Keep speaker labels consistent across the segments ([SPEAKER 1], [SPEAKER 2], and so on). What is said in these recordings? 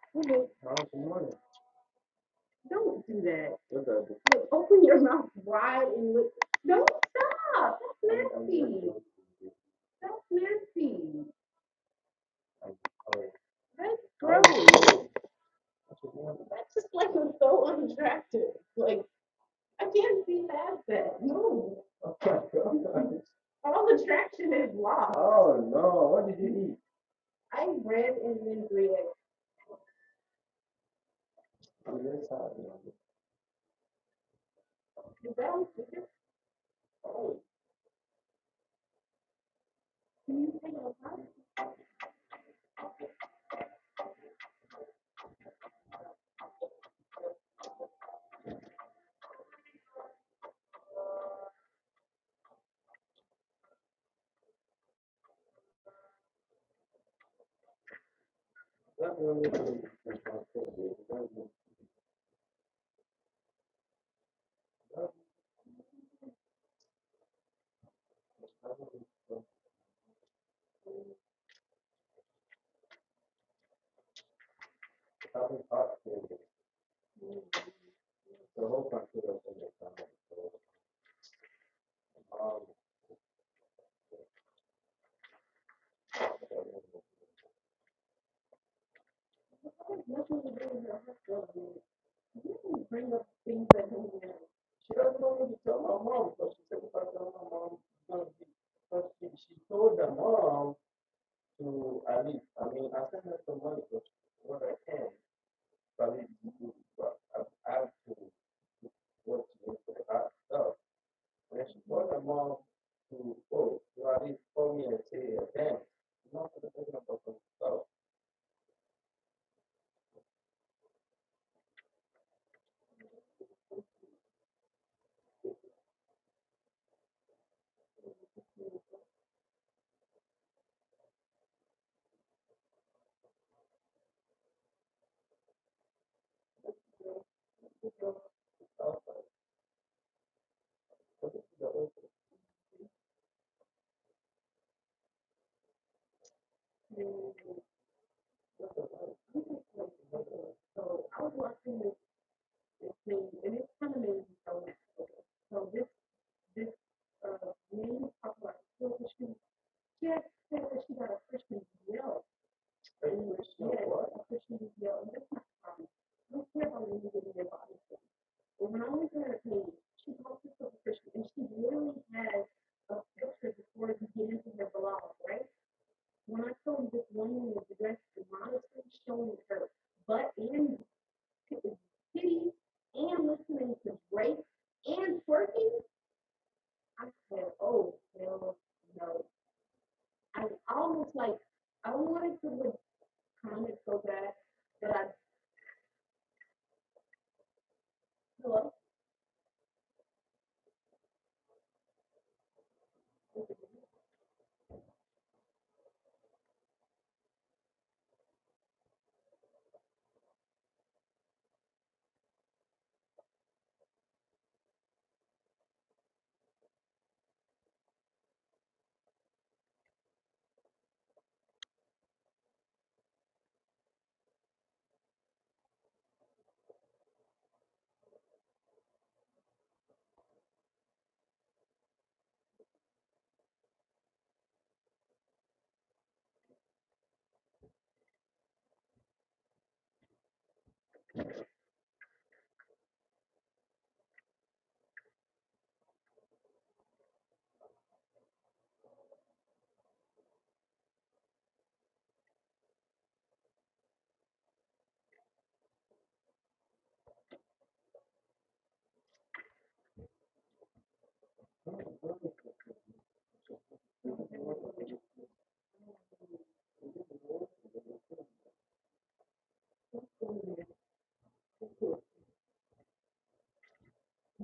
[SPEAKER 1] Look, don't do that. Look, open your mouth wide and look. Don't stop. That's that's nasty. That's, cool. that's just like so unattractive. Like, I can't see past that. No. All attraction is lost. I read and then read. Is that Can you take a time? Kind of amazing. So, when you talk about what she just said that she got a freshman yell. And she had I wanted to like comment so bad that I feel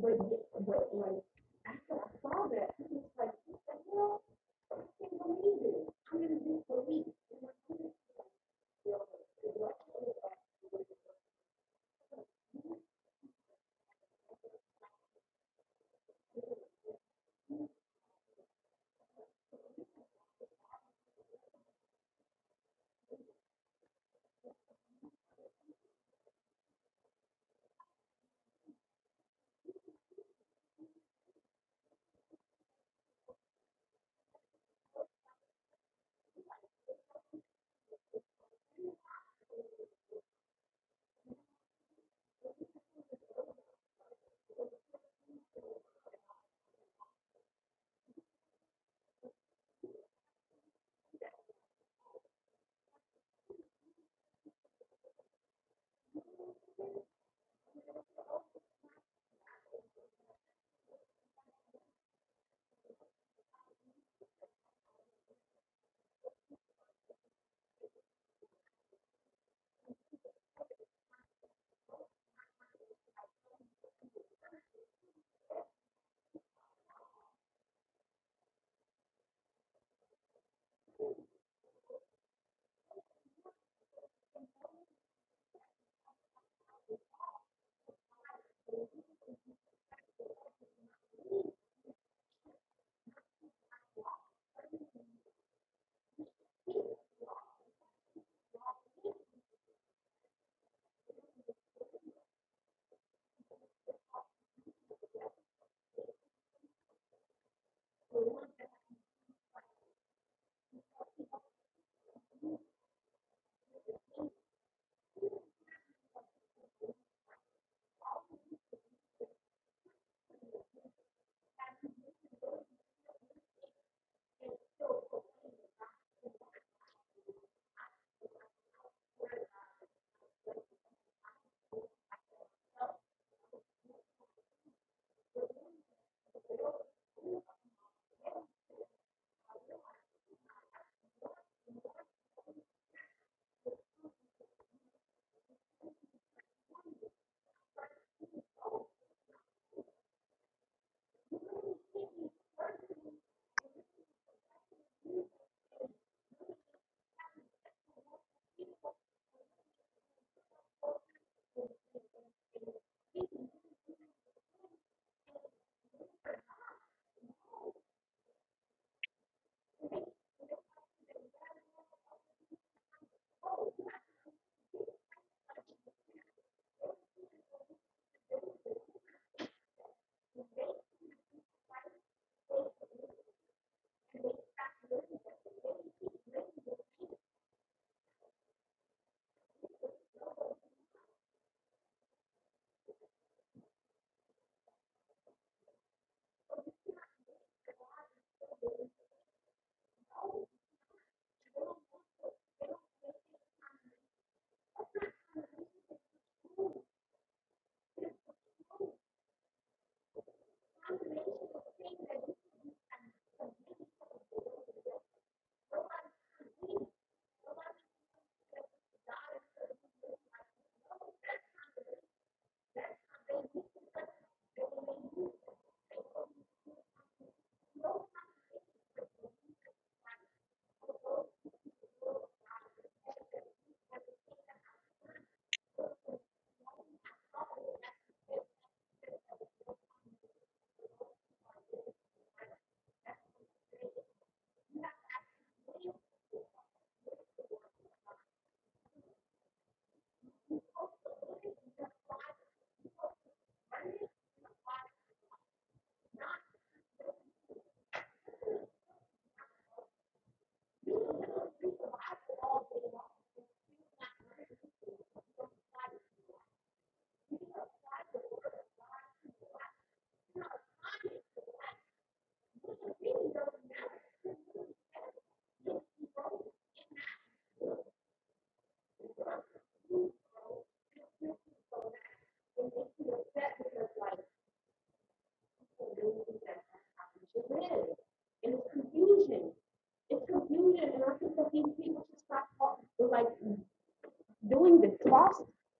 [SPEAKER 1] like, but, but like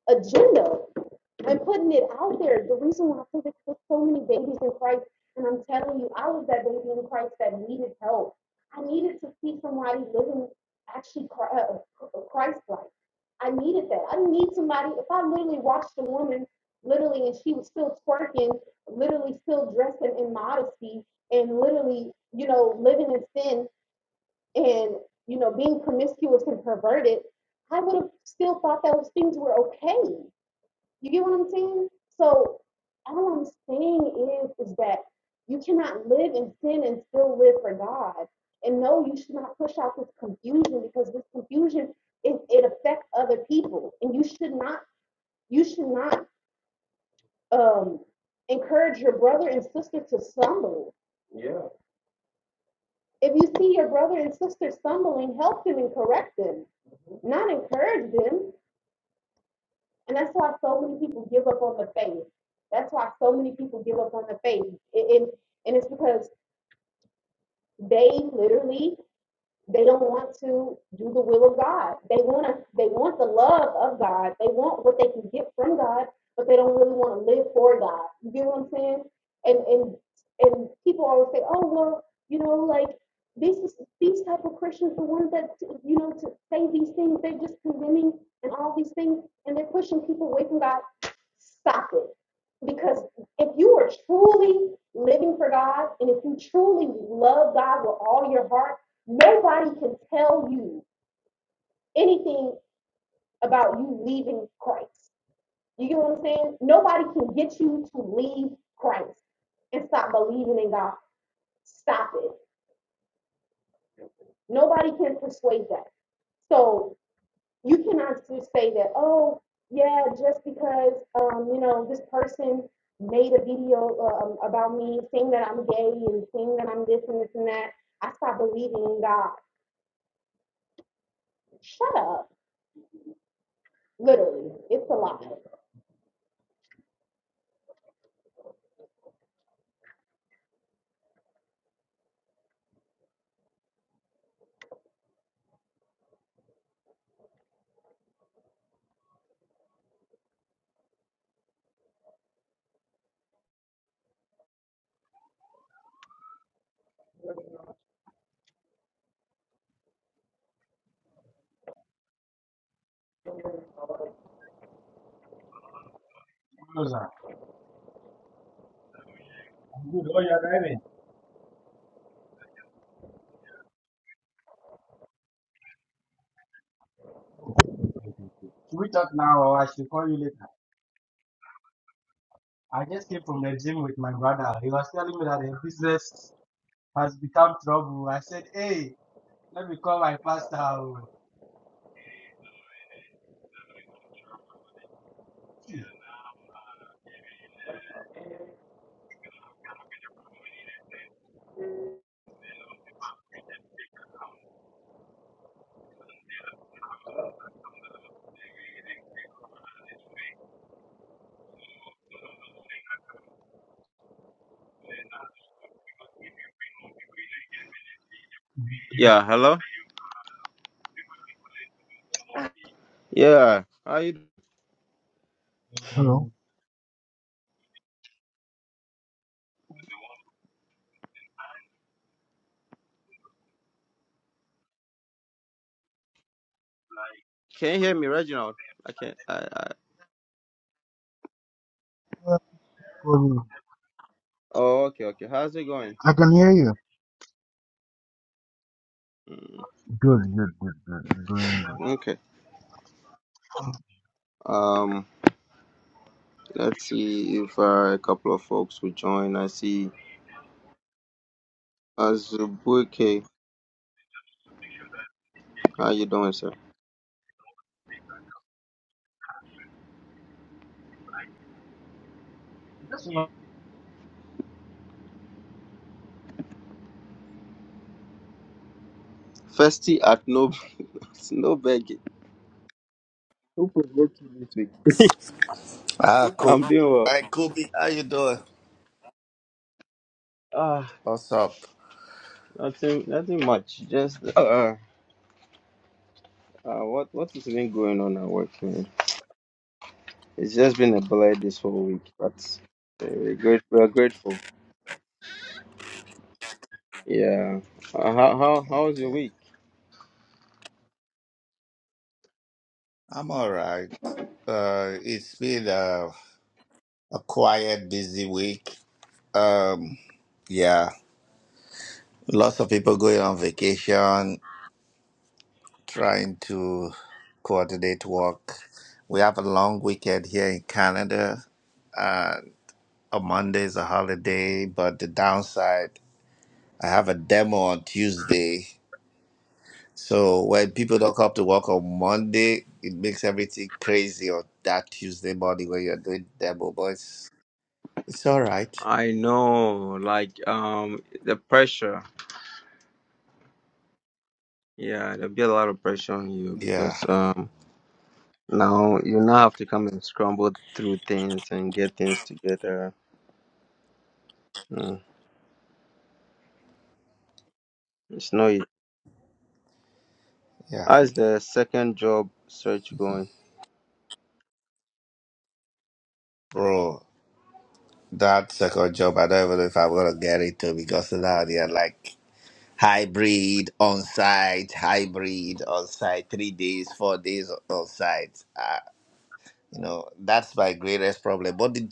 [SPEAKER 1] agenda. And putting it out there. The reason why I think this, there's so many babies in Christ, and I'm telling you, I was that baby in Christ that needed help. I needed to see somebody living actually uh, Christ like. I needed that. I didn't need somebody. If I literally watched a woman, literally, and she was still twerking, literally still dressing in modesty, and literally, you know, living in sin and, you know, being promiscuous and perverted, I would have still thought that those things were okay. You get what I'm saying? So all I'm saying is, is that you cannot live in sin and still live for God. And no, you should not push out this confusion because this confusion it, it affects other people. And you should not you should not um, encourage your brother and sister to stumble. If you see your brother and sister stumbling, help them and correct them, not encourage them. And that's why so many people give up on the faith. That's why so many people give up on the faith. And, and, and it's because they literally they don't want to do the will of God. They want to, they want the love of God. They want what they can get from God, but they don't really want to live for God. You get what I'm saying? And and and people always say, oh well, you know, like these these type of Christians, the ones that you know to say these things, they're just condemning and all these things, and they're pushing people away from God. Stop it. Because if you are truly living for God and if you truly love God with all your heart Nobody can tell you anything about you leaving Christ. You get what I'm saying? Nobody can get you to leave Christ and stop believing in God. Stop it. Nobody can persuade that. So you cannot just say that, oh, yeah, just because, um, you know, this person made a video um, about me saying that I'm gay and saying that I'm this and this and that, I stopped believing in God. Shut up. Literally. It's a lie.
[SPEAKER 2] Hello, sir. I'm good. Oh, you're driving. Should we talk now or I should call you later? I just came from the gym with my brother. He was telling me that the business has become trouble. I said, hey, let me call my pastor. oh."
[SPEAKER 1] Yeah, hello? Yeah. How you
[SPEAKER 2] Hello.
[SPEAKER 1] can you hear me, Reginald? I can't I, I
[SPEAKER 2] Good.
[SPEAKER 1] Oh okay, okay. How's it going?
[SPEAKER 2] I can hear you. Good, good, good, good. I'm doing
[SPEAKER 1] Okay. Um let's see if uh, a couple of folks will join. I see Azubuike. How you doing, sir?
[SPEAKER 2] Just This one,
[SPEAKER 1] Festy at no no begging. Who provoked you this week?
[SPEAKER 3] Ah, cool.
[SPEAKER 1] I'm doing well.
[SPEAKER 3] Hi, Kobe. How you doing?
[SPEAKER 1] Ah,
[SPEAKER 3] What's up?
[SPEAKER 1] nothing nothing much. Just uh, uh what what has been going on at work, man? It's just been a blur this whole week, but uh, we're great we're grateful. Yeah. Uh, how how how was your
[SPEAKER 3] Okay,
[SPEAKER 1] week?
[SPEAKER 3] I'm all right. Uh, it's been a, a quiet, busy week. Um, yeah, lots of people going on vacation, trying to coordinate work. We have a long weekend here in Canada. Uh, on Monday is a holiday, but the downside, I have a demo on Tuesday So when people don't come to work on Monday, it makes everything crazy on that Tuesday morning when you're doing demo, but it's, it's all right.
[SPEAKER 1] I know, like um the pressure. Yeah, there'll be a lot of pressure on you
[SPEAKER 3] Yeah,
[SPEAKER 1] because um now you now have to come and scramble through things and get things together. Mm, it's no easy.
[SPEAKER 3] yeah.
[SPEAKER 1] How's the second job search going?
[SPEAKER 3] Bro, that second job, I don't even know if I'm going to get into because now they're like hybrid, on site, hybrid, on site, three days, four days on site. Uh, you know, that's my greatest problem. But the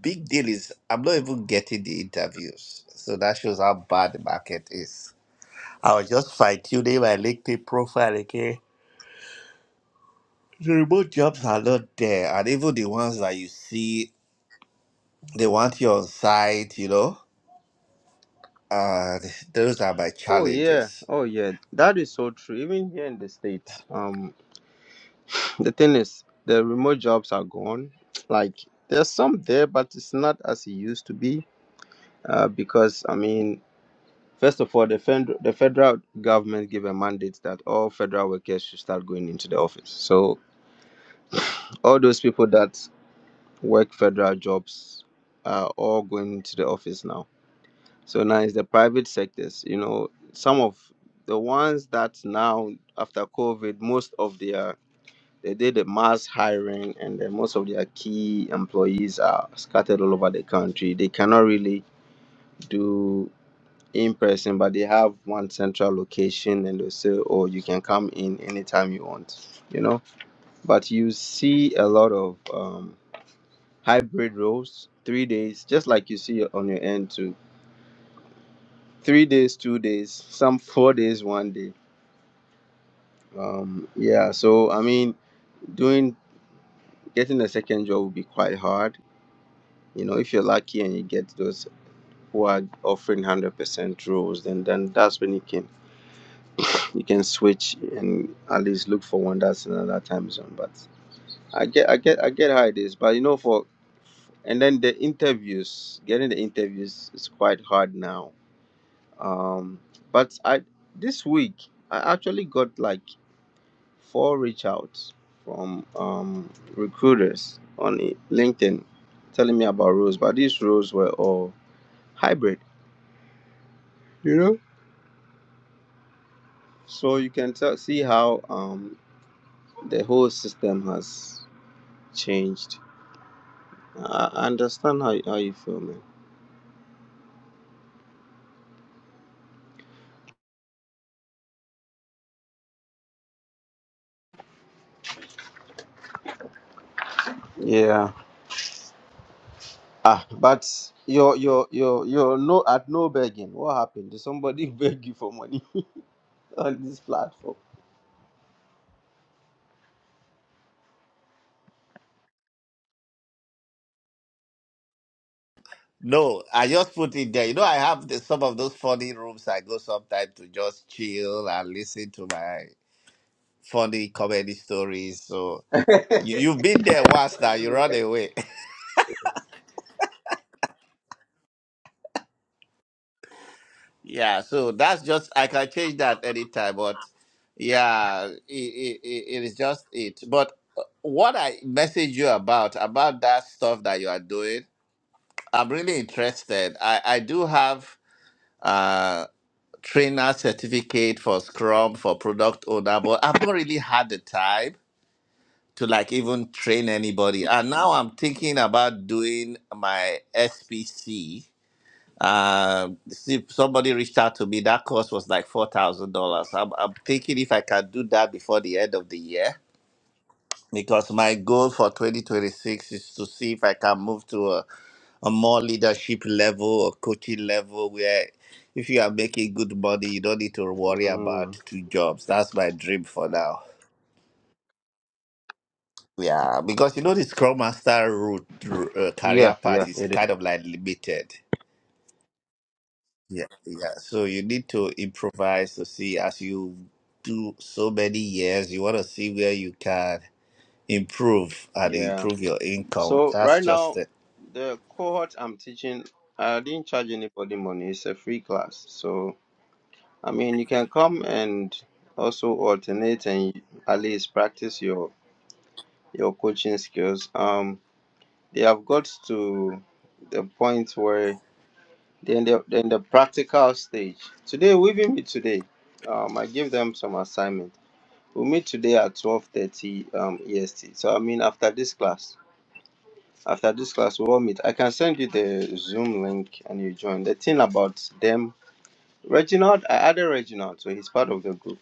[SPEAKER 3] big deal is I'm not even getting the interviews. So that shows how bad the market is. I was just fine tuning my LinkedIn profile again. The remote jobs are not there, and even the ones that you see, they want you on site, you know. And those are my
[SPEAKER 1] Oh yeah,
[SPEAKER 3] challenges.
[SPEAKER 1] oh yeah. That is so true. Even here in the States, um the thing is the remote jobs are gone. Like there's some there but it's not as it used to be. Uh, because I mean First of all, the, fed- the federal government gave a mandate that all federal workers should start going into the office. So all those people that work federal jobs are all going into the office now. So now it's the private sectors. You know, some of the ones that now after COVID, most of their they did the mass hiring, and then most of their key employees are scattered all over the country. They cannot really do in person, but they have one central location and they'll say, oh, you can come in anytime you want, you know. But you see a lot of um, hybrid roles, three days, just like you see on your end too. Three days, two days, some four days, one day. Um, yeah, so I mean, doing getting a second job will be quite hard. You know, if you're lucky and you get those who are offering 100% roles, then, then that's when you can You can switch and at least look for one that's in another time zone. But I get, I get, I get how it is. But you know, for and then the interviews, getting the interviews is quite hard now. Um, but I this week I actually got like four reach outs from um recruiters on i- LinkedIn telling me about roles, but these roles were all hybrid, you know. So you can tell see how um the whole system has changed I understand how how you feel, man. Yeah. Ah, but you're you're you're you're no at no begging. What happened? Did somebody beg you for money on this platform?
[SPEAKER 3] No, I just put it there. You know, I have the, some of those funny rooms I go sometimes to just chill and listen to my funny comedy stories. So you, you've been there once now, you run away. Yeah, so that's just I can change that anytime, but yeah, it, it, it is just it. But uh, what I message you about about that stuff that you are doing, I'm really interested. I I do have uh trainer certificate for Scrum for product owner, but I've not really had the time to like even train anybody. And now I'm thinking about doing my SPC uh, see, somebody reached out to me. That cost was like four thousand dollars. I'm I'm thinking if I can do that before the end of the year because my goal for 2026 is to see if I can move to a, a more leadership level or coaching level where if you are making good money, you don't need to worry
[SPEAKER 1] Mm.
[SPEAKER 3] about two jobs. That's my dream for now. Yeah, because you know the Scrum Master route, uh,
[SPEAKER 1] Yeah,
[SPEAKER 3] career path
[SPEAKER 1] yeah,
[SPEAKER 3] is
[SPEAKER 1] it is.
[SPEAKER 3] kind of like limited. Yeah, yeah. So you need to improvise to see as you do so many years, you want to see where you can improve and
[SPEAKER 1] Yeah.
[SPEAKER 3] improve your income.
[SPEAKER 1] So
[SPEAKER 3] That's
[SPEAKER 1] right
[SPEAKER 3] just
[SPEAKER 1] now,
[SPEAKER 3] it.
[SPEAKER 1] the cohort I'm teaching, I didn't charge anybody money. It's a free class. So I mean, you can come and also alternate and at least practice your your coaching skills. Um, they have got to the point where Then the then the practical stage. Today we will meet today. Um, I give them some assignment. We meet today at twelve thirty um EST. So I mean after this class, after this class we will meet. I can send you the Zoom link and you join. The thing about them, Reginald, I added Reginald, so he's part of the group.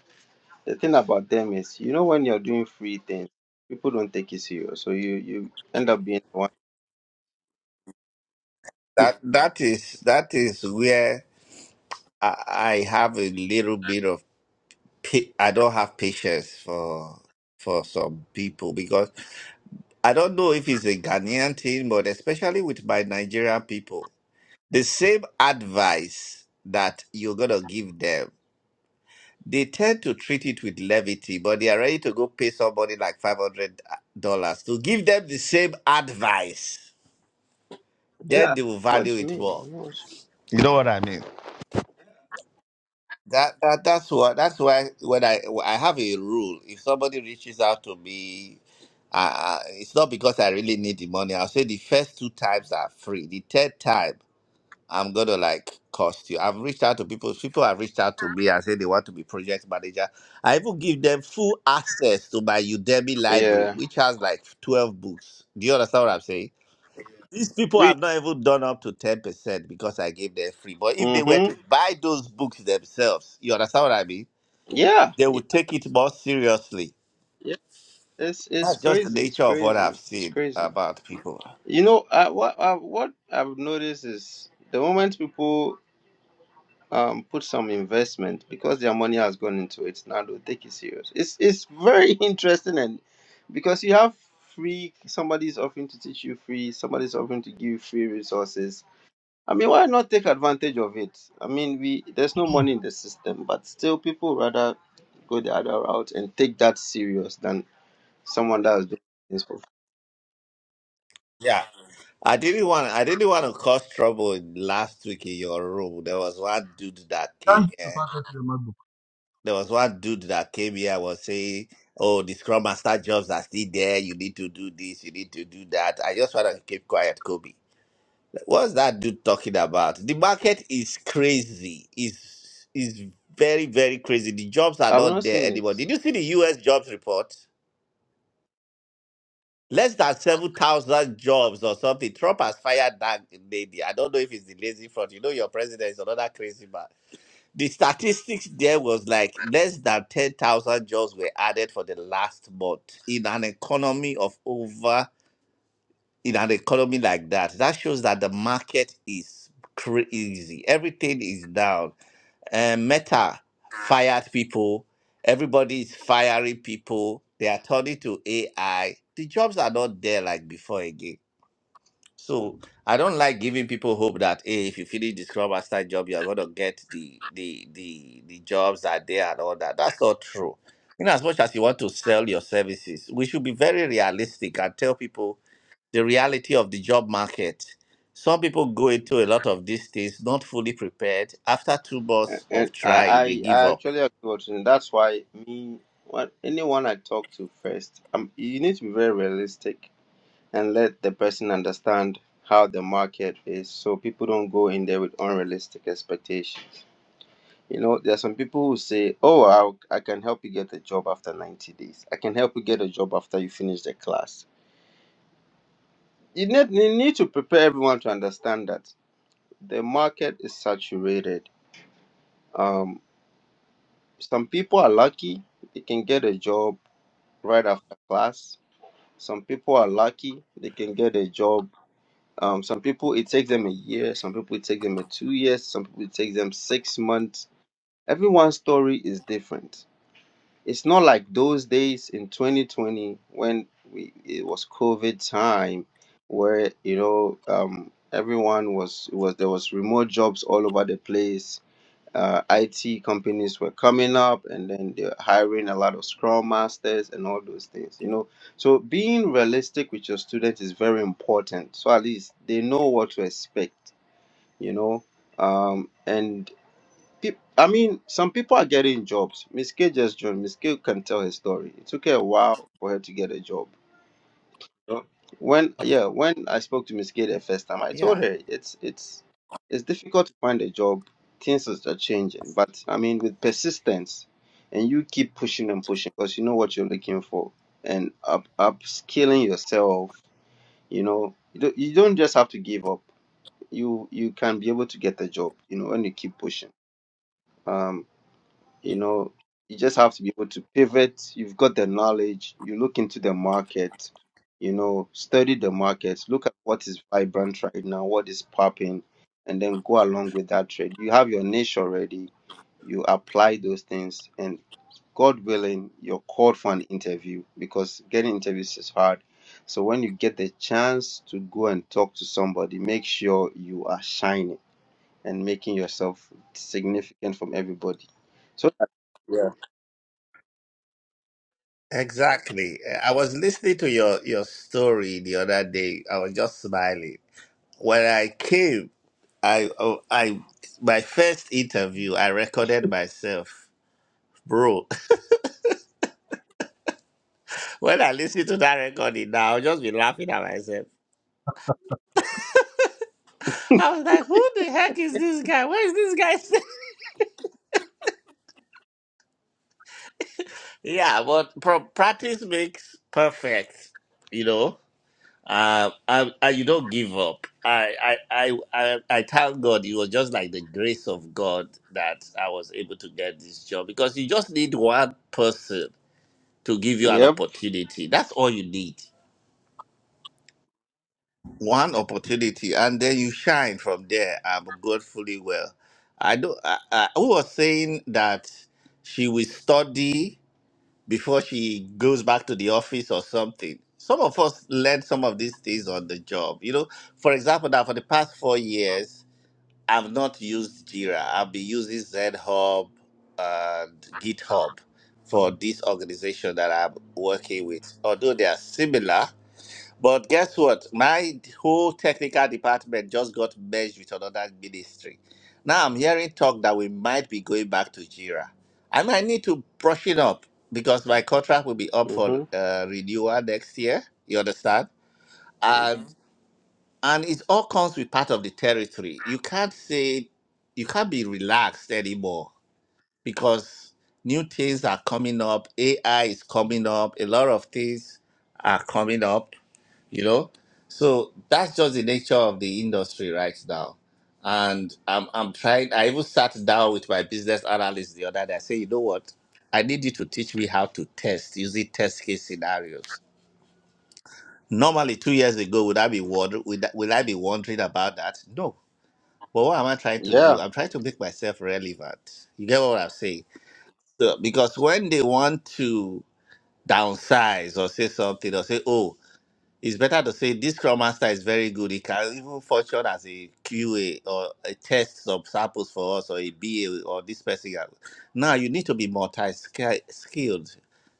[SPEAKER 1] The thing about them is, you know, when you're doing free things, people don't take it serious. So you you end up being the one.
[SPEAKER 3] That that is that is where I, I have a little bit of pa- I don't have patience for for some people because I don't know if it's a Ghanaian thing, but especially with my Nigerian people, the same advice that you're gonna give them. They tend to treat it with levity, but they are ready to go pay somebody like $500 to give them the same advice. Then
[SPEAKER 1] Yeah.
[SPEAKER 3] they will
[SPEAKER 1] I know
[SPEAKER 3] value
[SPEAKER 1] What you
[SPEAKER 3] it
[SPEAKER 1] mean? I
[SPEAKER 3] more.
[SPEAKER 1] know what
[SPEAKER 3] You know what I mean? That, that that's what that's why when I I have a rule. If somebody reaches out to me, uh, it's not because I really need the money. I'll say the first two times are free. The third time. I'm gonna like cost you. I've reached out to people. People have reached out to me and said they want to be project manager. I even give them full access to my Udemy
[SPEAKER 1] you-
[SPEAKER 3] library,
[SPEAKER 1] Yeah.
[SPEAKER 3] which has like 12 books. Do you understand what I'm saying? These people
[SPEAKER 1] Free.
[SPEAKER 3] have not even done up to 10% because I gave them free. But if they were
[SPEAKER 1] Mm-hmm.
[SPEAKER 3] to buy those books themselves, you understand what I mean?
[SPEAKER 1] Yeah.
[SPEAKER 3] They would
[SPEAKER 1] Yeah.
[SPEAKER 3] take it more seriously.
[SPEAKER 1] It's it's
[SPEAKER 3] That's just the
[SPEAKER 1] crazy. It's
[SPEAKER 3] nature of what
[SPEAKER 1] crazy.
[SPEAKER 3] I've
[SPEAKER 1] It's
[SPEAKER 3] seen
[SPEAKER 1] crazy.
[SPEAKER 3] about people.
[SPEAKER 1] You know, I what I what I've noticed is the moment people um put some investment because their money has gone into it, now they'll take it serious. It's it's very interesting and because you have free somebody's offering to teach you free, somebody's offering to give you free resources. I mean, why not take advantage of it? I mean, we there's no money in the system, but still people rather go the other route and take that serious than someone that is doing this for
[SPEAKER 3] Yeah. I didn't want. I didn't want to cause trouble in- last week in your room. There was one dude that came
[SPEAKER 2] Thank you,
[SPEAKER 3] here.
[SPEAKER 2] Pastor, to your MacBook.
[SPEAKER 3] There was one dude that came here. was saying, "Oh, the Scrum Master jobs are still there. You need to do this. You need to do that." I just want to keep quiet, Kobe. What's that dude talking about? The market is crazy. Is is very very crazy. The jobs are
[SPEAKER 1] I've not
[SPEAKER 3] not there
[SPEAKER 1] seen
[SPEAKER 3] anymore.
[SPEAKER 1] it,
[SPEAKER 3] Did you see the U.S. jobs report? Less than 7,000 jobs or something. Trump has fired that lady. I don't know if it's the lazy front. You know, your president is another crazy man. The statistics there was like less than 10,000 jobs were added for the last month in an economy of over, in an economy like that. That shows that the market is crazy. Everything is down and Meta fired people. Everybody is firing people. They are turning to AI. The jobs are not there like before again. So I don't like giving people hope that hey, if you finish the Scrum Master job, you are gonna get the the the the jobs that are there and all that. That's not true. In as much as you want to sell your services, we should be very realistic and tell people the reality of the job market. Some people go into a lot of these things not fully prepared. After two
[SPEAKER 1] A-
[SPEAKER 3] months
[SPEAKER 1] and
[SPEAKER 3] of
[SPEAKER 1] I,
[SPEAKER 3] trying, they
[SPEAKER 1] I,
[SPEAKER 3] give
[SPEAKER 1] I
[SPEAKER 3] up.
[SPEAKER 1] actually agree with you. That's why me, what anyone I talk to first, um, you need to be very realistic and let the person understand how the market is, so people don't go in there with unrealistic expectations. You know, there are some people who say, "Oh, I'll, I can help you get a job after ninety days. I can help you get a job after you finish the class." You need, you need to prepare everyone to understand that the market is saturated. Um, Some people are lucky, they can get a job right after class. Some people are lucky, they can get a job. Um, some people it takes them a year, some people it takes them a two years, some people it takes them six months. Everyone's story is different. It's not like those days in 2020 when we, it was COVID time, where you know um, everyone was it was there was remote jobs all over the place uh, IT companies were coming up, and then they're hiring a lot of Scrum masters and all those things, you know. So being realistic with your students is very important. So at least they know what to expect, you know. Um, and peop- I mean, some people are getting jobs. Miss K just joined. Miss K can tell her story. It took her a while for her to get a job so when yeah, when I spoke to Miss Gay the first time, I
[SPEAKER 3] Yeah,
[SPEAKER 1] told her it's it's it's difficult to find a job. Things is- are changing, but I mean with persistence, and you keep pushing and pushing because you know what you're looking for, and up upskilling yourself. You know, you don't, you don't just have to give up. You you can be able to get a job. You know, when you keep pushing. Um. You know, you just have to be able to pivot. You've got the knowledge. You look into the market, you know, study the market, look at what is vibrant right now, what is popping, and then go along with that trade. You have your niche already. You apply those things, and God willing, you're called for an interview because getting interviews is hard. So when you get the chance to go and talk to somebody, make sure you are shining and making yourself significant from everybody. So,
[SPEAKER 3] exactly. Eh, I was listening to your, your story the other day. I was just smiling. When I came, I, oh, I, my first interview, I recorded myself. Bro, when I listen to that recording now, I'll just be laughing at myself. I was like, who the heck is this guy? Where is this guy? Yeah, but pro- practice makes perfect. You know, uh, I, I, you don't give up. I, I, I, I, I thank God. It was just like the grace of God that I was able to get this job because you just need one person to give you an
[SPEAKER 1] yep.
[SPEAKER 3] opportunity. That's all you need. One opportunity, and then you shine from there. I'm gratefully well. I don't. I, I, who was saying that she will study before she goes back to the office or something. Some of us learn some of these things on the job. You know, for example, now for the past four years, I've not used Jira. I've been using Zen and GitHub for this organization that I'm working with. Although they are similar, but guess what? My whole technical department just got merged with another ministry. Now I'm hearing talk that we might be going back to Jira. I might need to brush it up because my contract will be up for
[SPEAKER 1] Mm-hmm.
[SPEAKER 3] uh, renewal next year. You understand? And Mhm. and it all comes with part of the territory. You can't say you can't be relaxed anymore because new things are coming up. AI is coming up. A lot of things are coming up you know so that's just the nature of the industry right now and i'm, I'm trying i even sat down with my business analyst the other day i say, you know what i need you to teach me how to test using test case scenarios normally two years ago would i be wonder would, I- would i be wondering about that no but what am i trying to
[SPEAKER 1] Yeah.
[SPEAKER 3] do i'm trying to make myself relevant you get what i'm saying so, because when they want to downsize or say something or say oh It's better to say this Scrum Master is very good. He can even function as a QA or a test some samples for us or a BA or this person. can- Now you need to be multi skilled.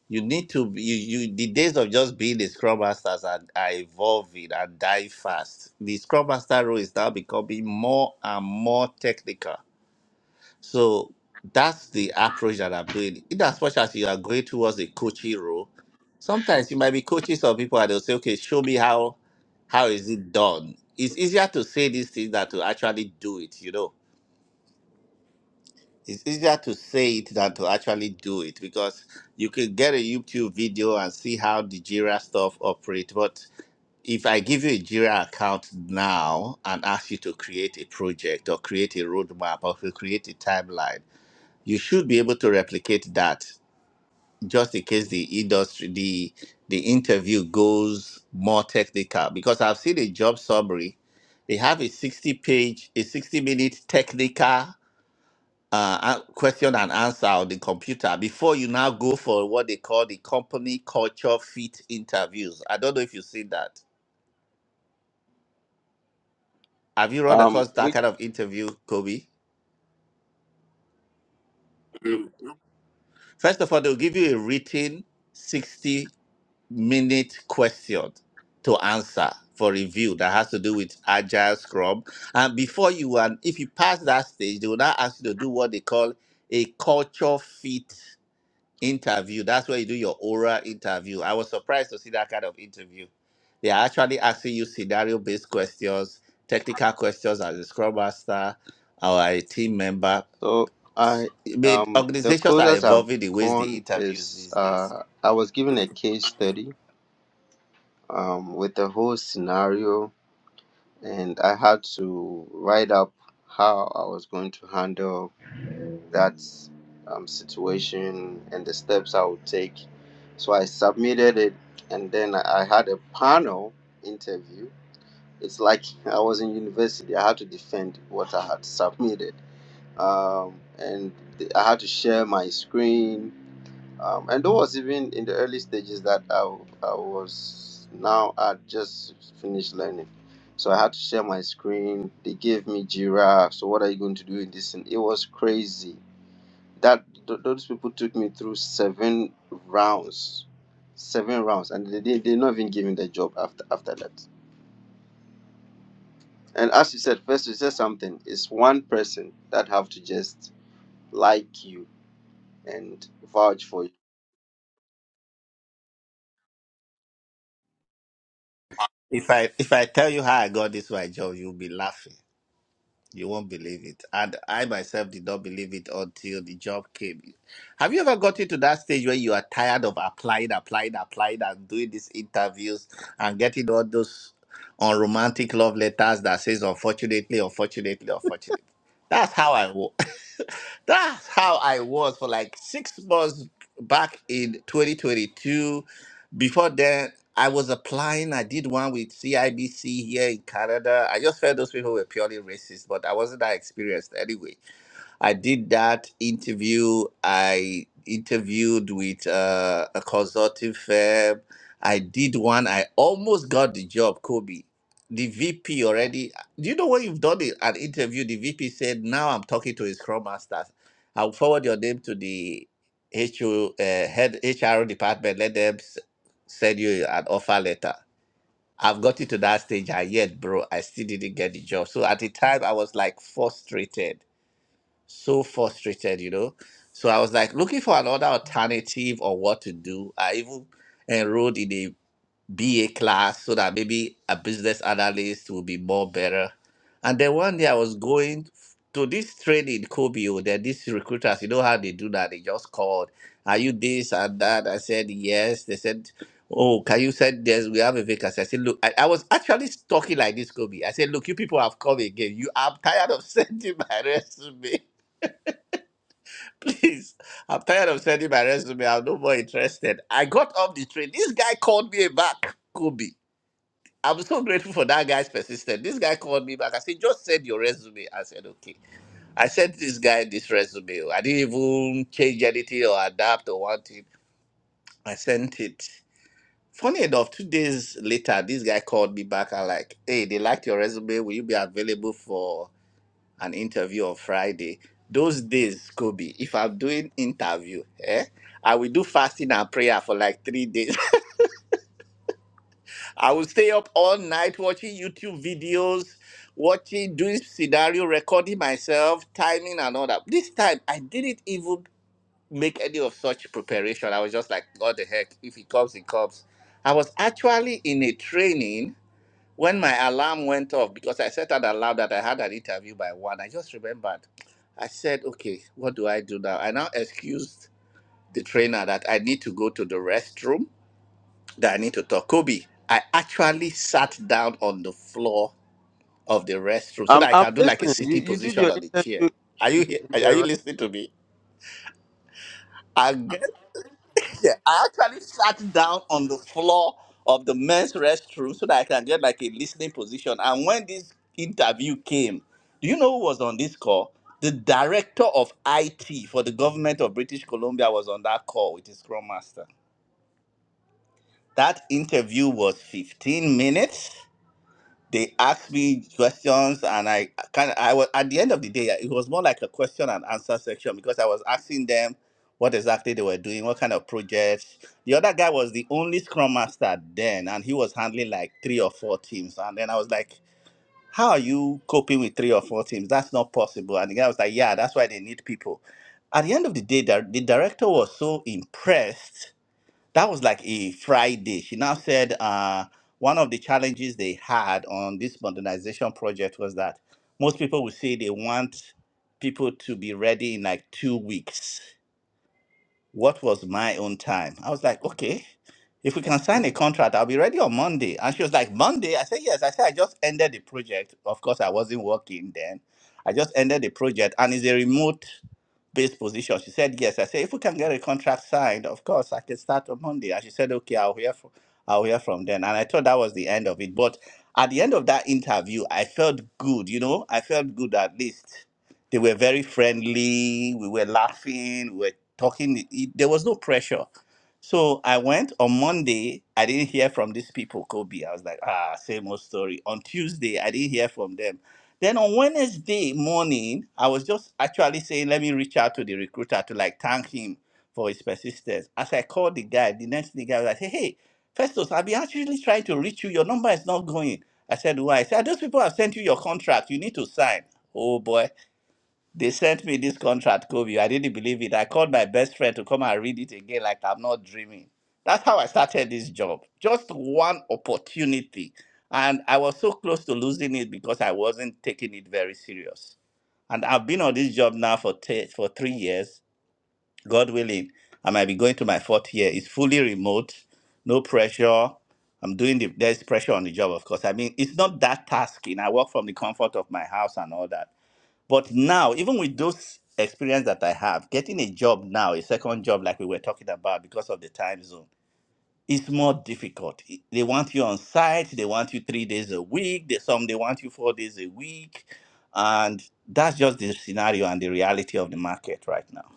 [SPEAKER 3] You need to be, you, you the days of just being a Scrum Masters are, are evolving and die fast. The Scrum Master role is now becoming more and more technical so that's the approach that I'm doing. In as much as you are going towards a coaching role, sometimes you might be coaching some people and they'll say, okay, show me how how is it done. It's easier to say these things than to actually do it, you know. It's easier to say it than to actually do it because you can get a YouTube video and see how the Jira stuff operates. But if I give you a Jira account now and ask you to create a project or create a roadmap or to create a timeline, you should be able to replicate that just in case the industry the the interview goes more technical because i've seen a job summary they have a 60 page a 60 minute technical uh, a- question and answer on the computer before you now go for what they call the company culture fit interviews i don't know if you've seen that have you run
[SPEAKER 1] Um.
[SPEAKER 3] across that
[SPEAKER 1] We
[SPEAKER 3] kind of interview kobe Mm. first of all they'll give you a written 60 minute question to answer for review that has to do with agile scrum and before you and if you pass that stage they will now ask you to do what they call a culture fit interview that's where you do your oral interview i was surprised to see that kind of interview they are actually asking you scenario based questions technical questions as a scrum master or a team member
[SPEAKER 1] so I
[SPEAKER 3] i mean
[SPEAKER 1] um the
[SPEAKER 3] organizations are
[SPEAKER 1] closest I've
[SPEAKER 3] evolving the ways they
[SPEAKER 1] gone
[SPEAKER 3] interviews
[SPEAKER 1] is
[SPEAKER 3] these days
[SPEAKER 1] uh I was given a case study um with the whole scenario and I had to write up how I was going to handle that um, situation and the steps I would take. So I submitted it, and then I had a panel interview. It's like I was in university. I had to defend what I had submitted, um, and th- I had to share my screen. Um, and that was even in the early stages that I, w- I was now I just finished learning. So I had to share my screen. They gave me Jira. So what are you going to do in this? And it was crazy that th- those people took me through seven rounds seven rounds and they they they not even giving the job after after that and as you said first you said something it's one person that have to just like you and vouch for you
[SPEAKER 3] If I if I tell you how I got this my job, you'll be laughing. You won't believe it. And I myself did not believe it until the job came. Have you ever gotten to that stage where you are tired of applying, applying, applying, and doing these interviews and getting all those unromantic love letters that says unfortunately, unfortunately, unfortunately. That's how I was. That's how I was for like six months back in 2022. Before then, I was applying. I did one with CIBC here in Canada. I just felt those people were purely racist, but I wasn't that experienced anyway. I did that interview. I interviewed with uh, a consulting firm. I did one. I almost got the job, Kobe. The VP already. Do you know when you've done it, an interview? The VP said, "Now I'm talking to his scrum master. I'll forward your name to the HO, uh, head HR department. Let them s- send you an offer letter." I've gotten to that stage, and yet, bro, I still didn't get the job. So at the time, I was like frustrated so frustrated, you know. So I was like looking for another alternative or what to do. I even enrolled in a BA class so that maybe a business analyst will be more better. And then one day I was going to this training in Kobe, oh, then these recruiters, you know how they do that? They just called, Are you this and that? I said, Yes. They said, Oh, can you send this? We have a vacancy. I said, Look, I, I was actually talking like this, Kobe. I said, Look, you people have come again. You I'm tired of sending my resume. Please, I'm tired of sending my resume. I'm no more interested. I got off the train. This guy called me back, Kobe. I'm so grateful for that guy's persistence. This guy called me back. I said, just send your resume. I said, okay. I sent this guy this resume. I didn't even change anything or adapt or want it. I sent it. Funny enough, two days later, this guy called me back and like, hey, they liked your resume. Will you be available for an interview on Friday. Those days, Kobe, if I'm doing interview, eh, I will do fasting and prayer for like three days. I will stay up all night watching YouTube videos, watching, doing scenario, recording myself, timing and all that. This time, I didn't even make any of such preparation. I was just like, what the heck? If he comes, he comes. I was actually in a training when my alarm went off because I set an alarm that I had an interview by one, I just remembered. I said, "Okay, what do I do now?" I now excused the trainer that I need to go to the restroom. That I need to talk. Kobe, I actually sat down on the floor of the restroom so
[SPEAKER 1] i'm
[SPEAKER 3] that I
[SPEAKER 1] i'm
[SPEAKER 3] can do like a
[SPEAKER 1] listening you
[SPEAKER 3] sitting
[SPEAKER 1] you did
[SPEAKER 3] position
[SPEAKER 1] your
[SPEAKER 3] on the chair.
[SPEAKER 1] interview
[SPEAKER 3] Are you
[SPEAKER 1] in,
[SPEAKER 3] here?
[SPEAKER 1] in
[SPEAKER 3] Are are you
[SPEAKER 1] the
[SPEAKER 3] listening to me? I get Yeah, I actually sat down on the floor of the men's restroom so that I can get like a listening position. And when this interview came, do you know who was on this call? The director of IT for the government of British Columbia was on that call with his scrum master. That interview was 15 minutes they asked me questions and i kind of i was at the end of the day it was more like a question and answer section because i was asking them what exactly they were doing what kind of projects the other guy was the only scrum master then and he was handling like three or four teams and then i was like how are you coping with three or four teams that's not possible and the guy was like yeah that's why they need people at the end of the day the the director was so impressed that was like a Friday. She now said uh, one of the challenges they had on this modernization project was that most people would say they want people to be ready in like two weeks. What was my own time? I was like, okay, if we can sign a contract, I'll be ready on Monday. And she was like, Monday? I said, yes. I said, I just ended the project. Of course, I wasn't working then. I just ended the project, and it's a remote based position. She said yes. I said if we can get a contract signed, of course I can start on Monday. And she said okay, I'll hear from I'll hear from then. And I thought that was the end of it. But at the end of that interview, I felt good. You know, I felt good at least. They were very friendly. We were laughing. We were talking. It- there was no pressure. So I went on Monday. I didn't hear from these people, Kobe. I was like, ah, same old story. On Tuesday, I didn't hear from them. Then on Wednesday morning, I was just actually saying, let me reach out to the recruiter to like thank him for his persistence. As I called the guy, the next thing I was like, hey, hey, Festus, I've been actually trying to reach you. Your number is not going. I said, why? He said, those people have sent you your contract. You need to sign. Oh boy. They sent me this contract, Kobe. I didn't believe it. I called my best friend to come and read it again, like I'm not dreaming. That's how I started this job. Just one opportunity. And I was so close to losing it because I wasn't taking it very serious. And I've been on this job now for, te- for three years, God willing. I might be going to my fourth year. It's fully remote, no pressure. I'm doing the, there's pressure on the job, of course. I mean, it's not that tasking. I work from the comfort of my house and all that but now, even with those experience that I have, getting a job now, a second job like we were talking about because of the time zone, is more difficult. I- They want you on site, they want you three days a week, they, some they want you four days a week. And that's just the scenario and the reality of the market right now.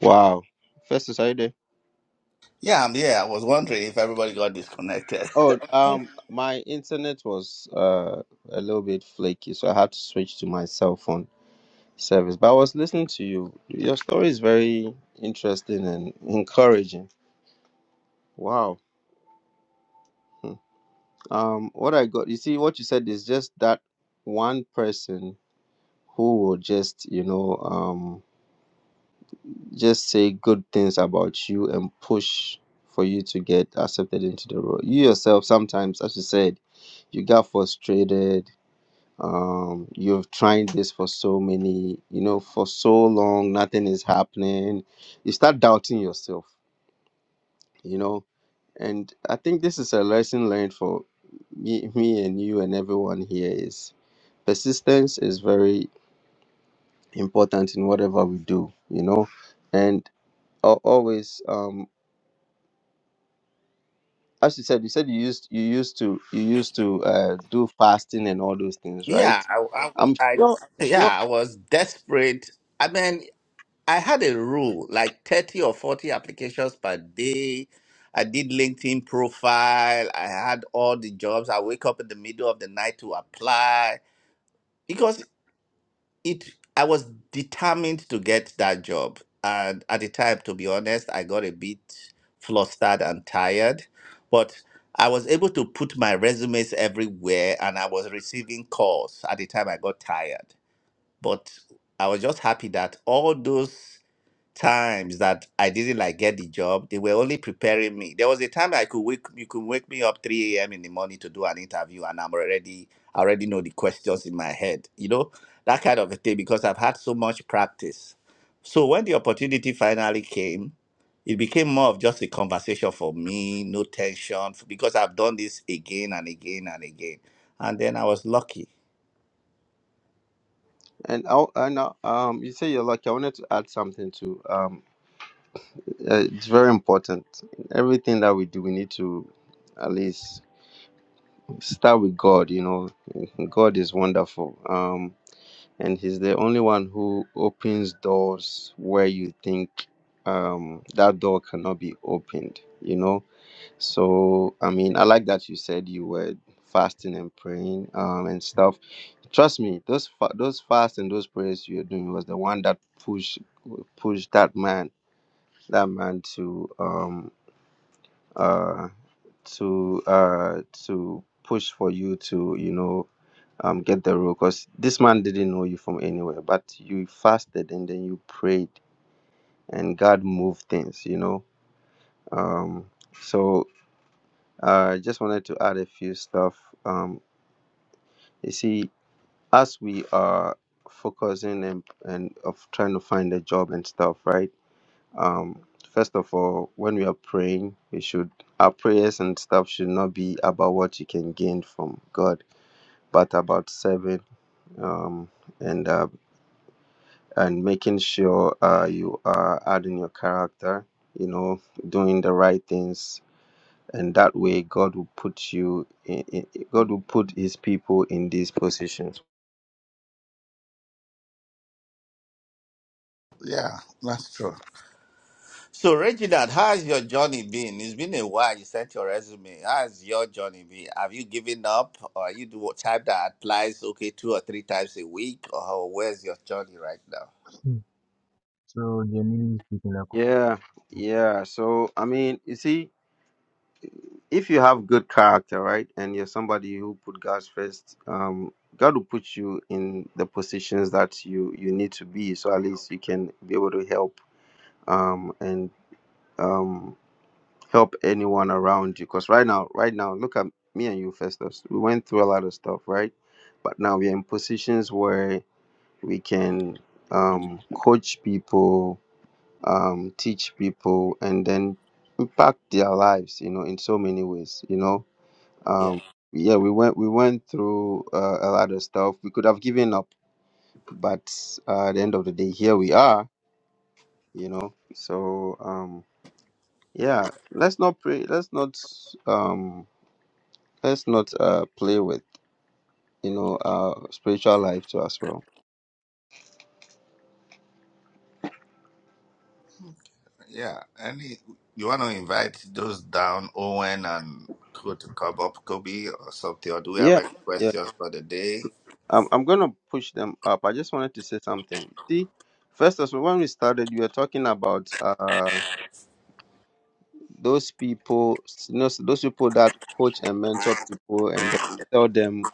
[SPEAKER 1] wow first are you there
[SPEAKER 3] Yeah, I'm here. I was wondering if everybody got disconnected.
[SPEAKER 1] oh um my internet was uh a little bit flaky so i had to switch to my cell phone service. But I was listening to you. Your story is very interesting and encouraging. Wow. Hmm. Um, what I got, you see, what you said is just that one person who will just, you know, um, just say good things about you and push for you to get accepted into the role. You yourself, sometimes, as you said, you got frustrated. Um, you've tried this for so many, you know, for so long, nothing is happening you start doubting yourself you know and i think this is a lesson learned for me, me and you and everyone here is persistence is very important in whatever we do you know and al- always um as you said you said you used you used to you used to uh do fasting and all those things
[SPEAKER 3] yeah,
[SPEAKER 1] right
[SPEAKER 3] I, I,
[SPEAKER 1] i'm sure i'm
[SPEAKER 3] I,
[SPEAKER 1] sure
[SPEAKER 3] yeah, I was desperate. I mean, I had a rule like 30 or 40 applications per day. I did LinkedIn profile. I had all the jobs. I wake up in the middle of the night to apply because it I was determined to get that job. And at the time, to be honest, I got a bit flustered and tired, but I was able to put my resumes everywhere and I was receiving calls. At the time, I got tired, but I was just happy that all those times that I didn't like get the job, they were only preparing me. There was a time I could wake you could wake me up 3 a.m. in the morning to do an interview and I'm already I already know the questions in my head, you know, that kind of a thing because I've had so much practice. So when the opportunity finally came, it became more of just a conversation for me, no tension, because I've done this again and again and again. And then I was lucky.
[SPEAKER 1] and i and I, um you say you're lucky i wanted to add something to um uh, it's very important everything that we do we need to at least start with God, you know. God is wonderful. Um and he's the only one who opens doors where you think um that door cannot be opened, you know. So I mean, I like that you said you were fasting and praying um and stuff. Trust me, those fa- those fasts and those prayers you are doing was the one that pushed pushed that man that man to um uh to uh to push for you to you know um, get the role because this man didn't know you from anywhere, but you fasted and then you prayed and God moved things, you know. Um, so uh, I just wanted to add a few stuff. Um, you see, as we are focusing and, and of trying to find a job and stuff, right? Um, first of all, when we are praying, we should our prayers and stuff should not be about what you can gain from God, but about serving um, and uh, and making sure uh, you are adding your character, you know, doing the right things. And that way, God will put you in, in, God will put his people in these positions.
[SPEAKER 3] Yeah, that's true. So, Reginald, how's your journey been? It's been a while. You sent your resume. How's your journey been? Have you given up, or are you the type that applies okay two or three times a week, or how- where's your journey right now?
[SPEAKER 1] Yeah, yeah. So, I mean, you see, if you have good character, right, and you're somebody who put God first, um, God will put you in the positions that you you need to be. So at least you can be able to help um, and um. help anyone around you. Because right now, right now, look at me and you, Festus. We went through a lot of stuff, right? But now we're in positions where we can um, coach people, um, teach people, and then impact their lives, you know, in so many ways, you know.
[SPEAKER 3] Yeah.
[SPEAKER 1] Um, yeah, we went we went through uh, a lot of stuff. We could have given up, but uh, at the end of the day, here we are, you know. So um, yeah, let's not pray. Let's not um, let's not uh play with you know our spiritual life too as well
[SPEAKER 3] Yeah, any you want to invite those down, Owen and Co to come up, Kobe or something, or do we have
[SPEAKER 1] yeah
[SPEAKER 3] any
[SPEAKER 1] yeah
[SPEAKER 3] questions for the day?
[SPEAKER 1] i'm, I'm gonna push them up i just wanted to say something see first of all when we started you were talking about uh those people you know those people that coach and mentor people and then tell them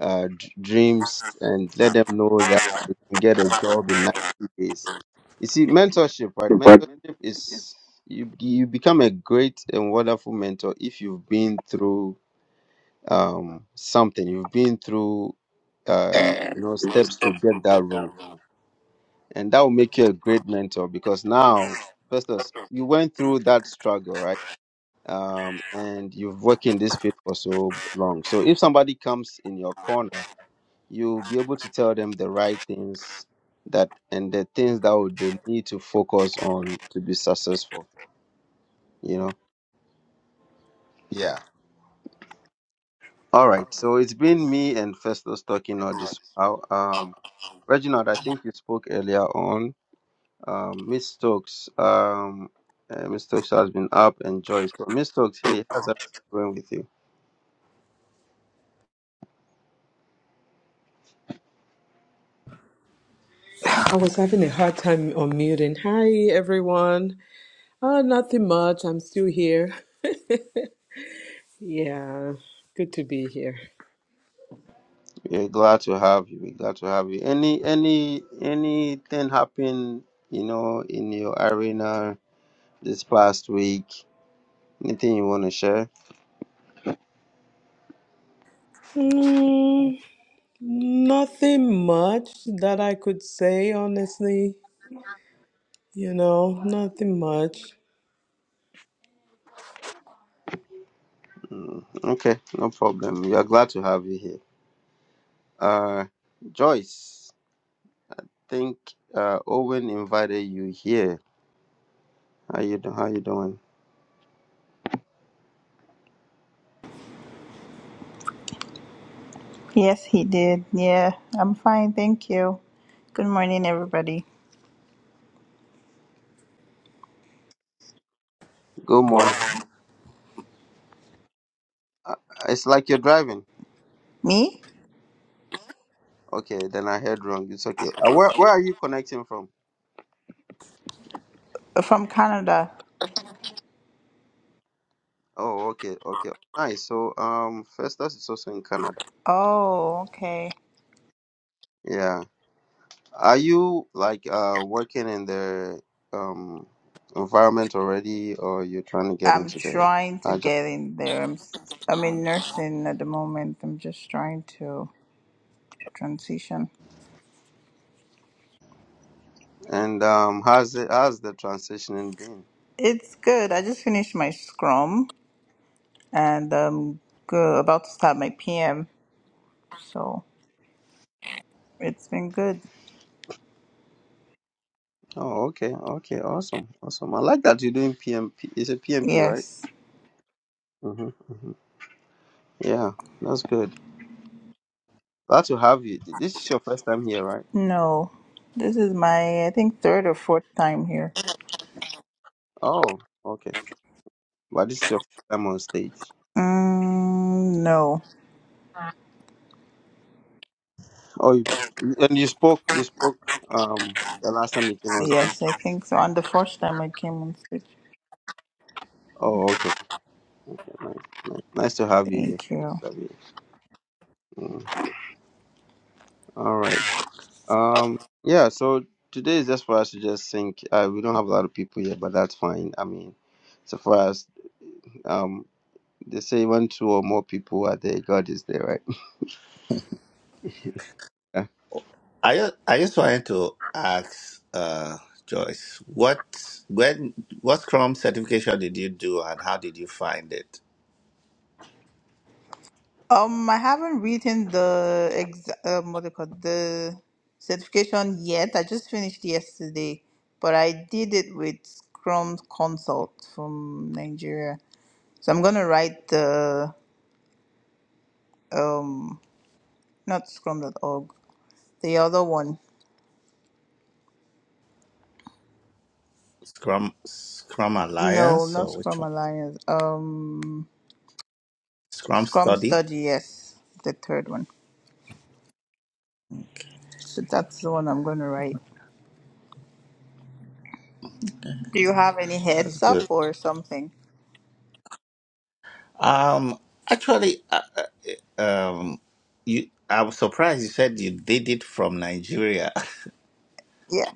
[SPEAKER 1] uh d- dreams and let them know that they can get a job in 90 days you see mentorship right mentorship
[SPEAKER 3] Departmental changes.
[SPEAKER 1] is you you become a great and wonderful mentor if you've been through um, something. You've been through, uh,
[SPEAKER 3] Eh,
[SPEAKER 1] you know,
[SPEAKER 3] most
[SPEAKER 1] steps
[SPEAKER 3] of
[SPEAKER 1] to
[SPEAKER 3] the
[SPEAKER 1] get that
[SPEAKER 3] people
[SPEAKER 1] role,
[SPEAKER 3] that
[SPEAKER 1] and that will make you a great mentor because now, first of all, you went through that struggle, right? Um, and you've worked in this field for so long. So if somebody comes in your corner, you'll be able to tell them the right things that and the things that would they need to focus on to be successful. You know All right. So it's been me and Festus talking all this while. Um, Reginald, I think you spoke earlier on. Um, Miss Stokes, um, uh, Miss Stokes has been up and Joyce. So Miss Stokes, hey, how's everything going with you?
[SPEAKER 4] I was having a hard time unmuting. Hi, everyone. Oh, nothing much. I'm still here. Yeah, good to be here.
[SPEAKER 1] We're glad to have you. We're glad to have you. Any, any, anything happen? You know, in your arena this past week. Anything you want to share?
[SPEAKER 4] Mm, nothing much that I could say, honestly. You know, nothing much.
[SPEAKER 1] Mm, okay, no problem. We are glad to have you here. Uh, Joyce. think uh, Owen invited you here. How you do, how you doing?
[SPEAKER 5] Yes, he did. Yeah, I'm fine, thank you. Good morning, everybody.
[SPEAKER 1] Good morning.
[SPEAKER 3] will-
[SPEAKER 1] Uh, It's like you're driving.
[SPEAKER 5] Me?
[SPEAKER 1] Okay, then I heard wrong. It's okay. Uh, where where are you connecting from?
[SPEAKER 5] From Canada.
[SPEAKER 1] Oh, okay, okay. Nice. So um, Festus is also in Canada.
[SPEAKER 5] Oh, okay.
[SPEAKER 1] Yeah. Are you like uh working in the um environment already, or you're trying to get
[SPEAKER 5] I'm
[SPEAKER 1] into the
[SPEAKER 5] trying to
[SPEAKER 1] agile?
[SPEAKER 5] get in there. I'm s- I'm in nursing at the moment. I'm just trying to transition.
[SPEAKER 1] And um, how's it? How's the transitioning been?
[SPEAKER 5] It's good. I just finished my scrum and I'm go about to start my PM. So, it's been good.
[SPEAKER 1] Oh, okay, okay, awesome, awesome. I like that you're doing PMP. Is it PMP, right?
[SPEAKER 5] Yes.
[SPEAKER 1] hmm hmm Yeah, that's good. Glad to have you. Th- This is your first time here, right?
[SPEAKER 5] No. This is my I think third or fourth time here.
[SPEAKER 1] Oh, okay. But this is your first time on stage.
[SPEAKER 5] Mm, no.
[SPEAKER 1] Oh, you, and you spoke. You spoke. Um, the last time you came on stage.
[SPEAKER 5] Yes, I think so. And the first time I came on stage,
[SPEAKER 1] Oh, okay. Okay, nice, nice, nice to have you here.
[SPEAKER 5] thank
[SPEAKER 1] Nice
[SPEAKER 5] you.
[SPEAKER 1] to have you. here. Mm. All right. Um, yeah. So today is just for us to just think. Uh, we don't have a lot of people here, but that's fine. I mean, so for us, um, they say when two or more people are there, God is there, right?
[SPEAKER 3] I just, I just wanted to ask uh, Joyce, what when what Scrum certification did you do, and how did you find it?
[SPEAKER 5] Um, I haven't written the ex um, what they call it, the certification yet. I just finished yesterday, but I did it with Scrum Consult from Nigeria. So I'm gonna write the um not Scrum.org, the other one.
[SPEAKER 3] Scrum Scrum
[SPEAKER 5] No,
[SPEAKER 3] Alliance
[SPEAKER 5] not
[SPEAKER 3] or which
[SPEAKER 5] Scrum
[SPEAKER 3] one?
[SPEAKER 5] Alliance. Um,
[SPEAKER 3] Scrum
[SPEAKER 5] Scrum
[SPEAKER 3] Study.
[SPEAKER 5] Study. Yes, the third one.
[SPEAKER 3] Okay,
[SPEAKER 5] So that's the one I'm gonna write. Do you have any
[SPEAKER 3] That's
[SPEAKER 5] heads
[SPEAKER 3] good.
[SPEAKER 5] up or something?
[SPEAKER 3] Um, actually, uh, uh, um, you I was surprised you said you did it from Nigeria.
[SPEAKER 5] Yeah,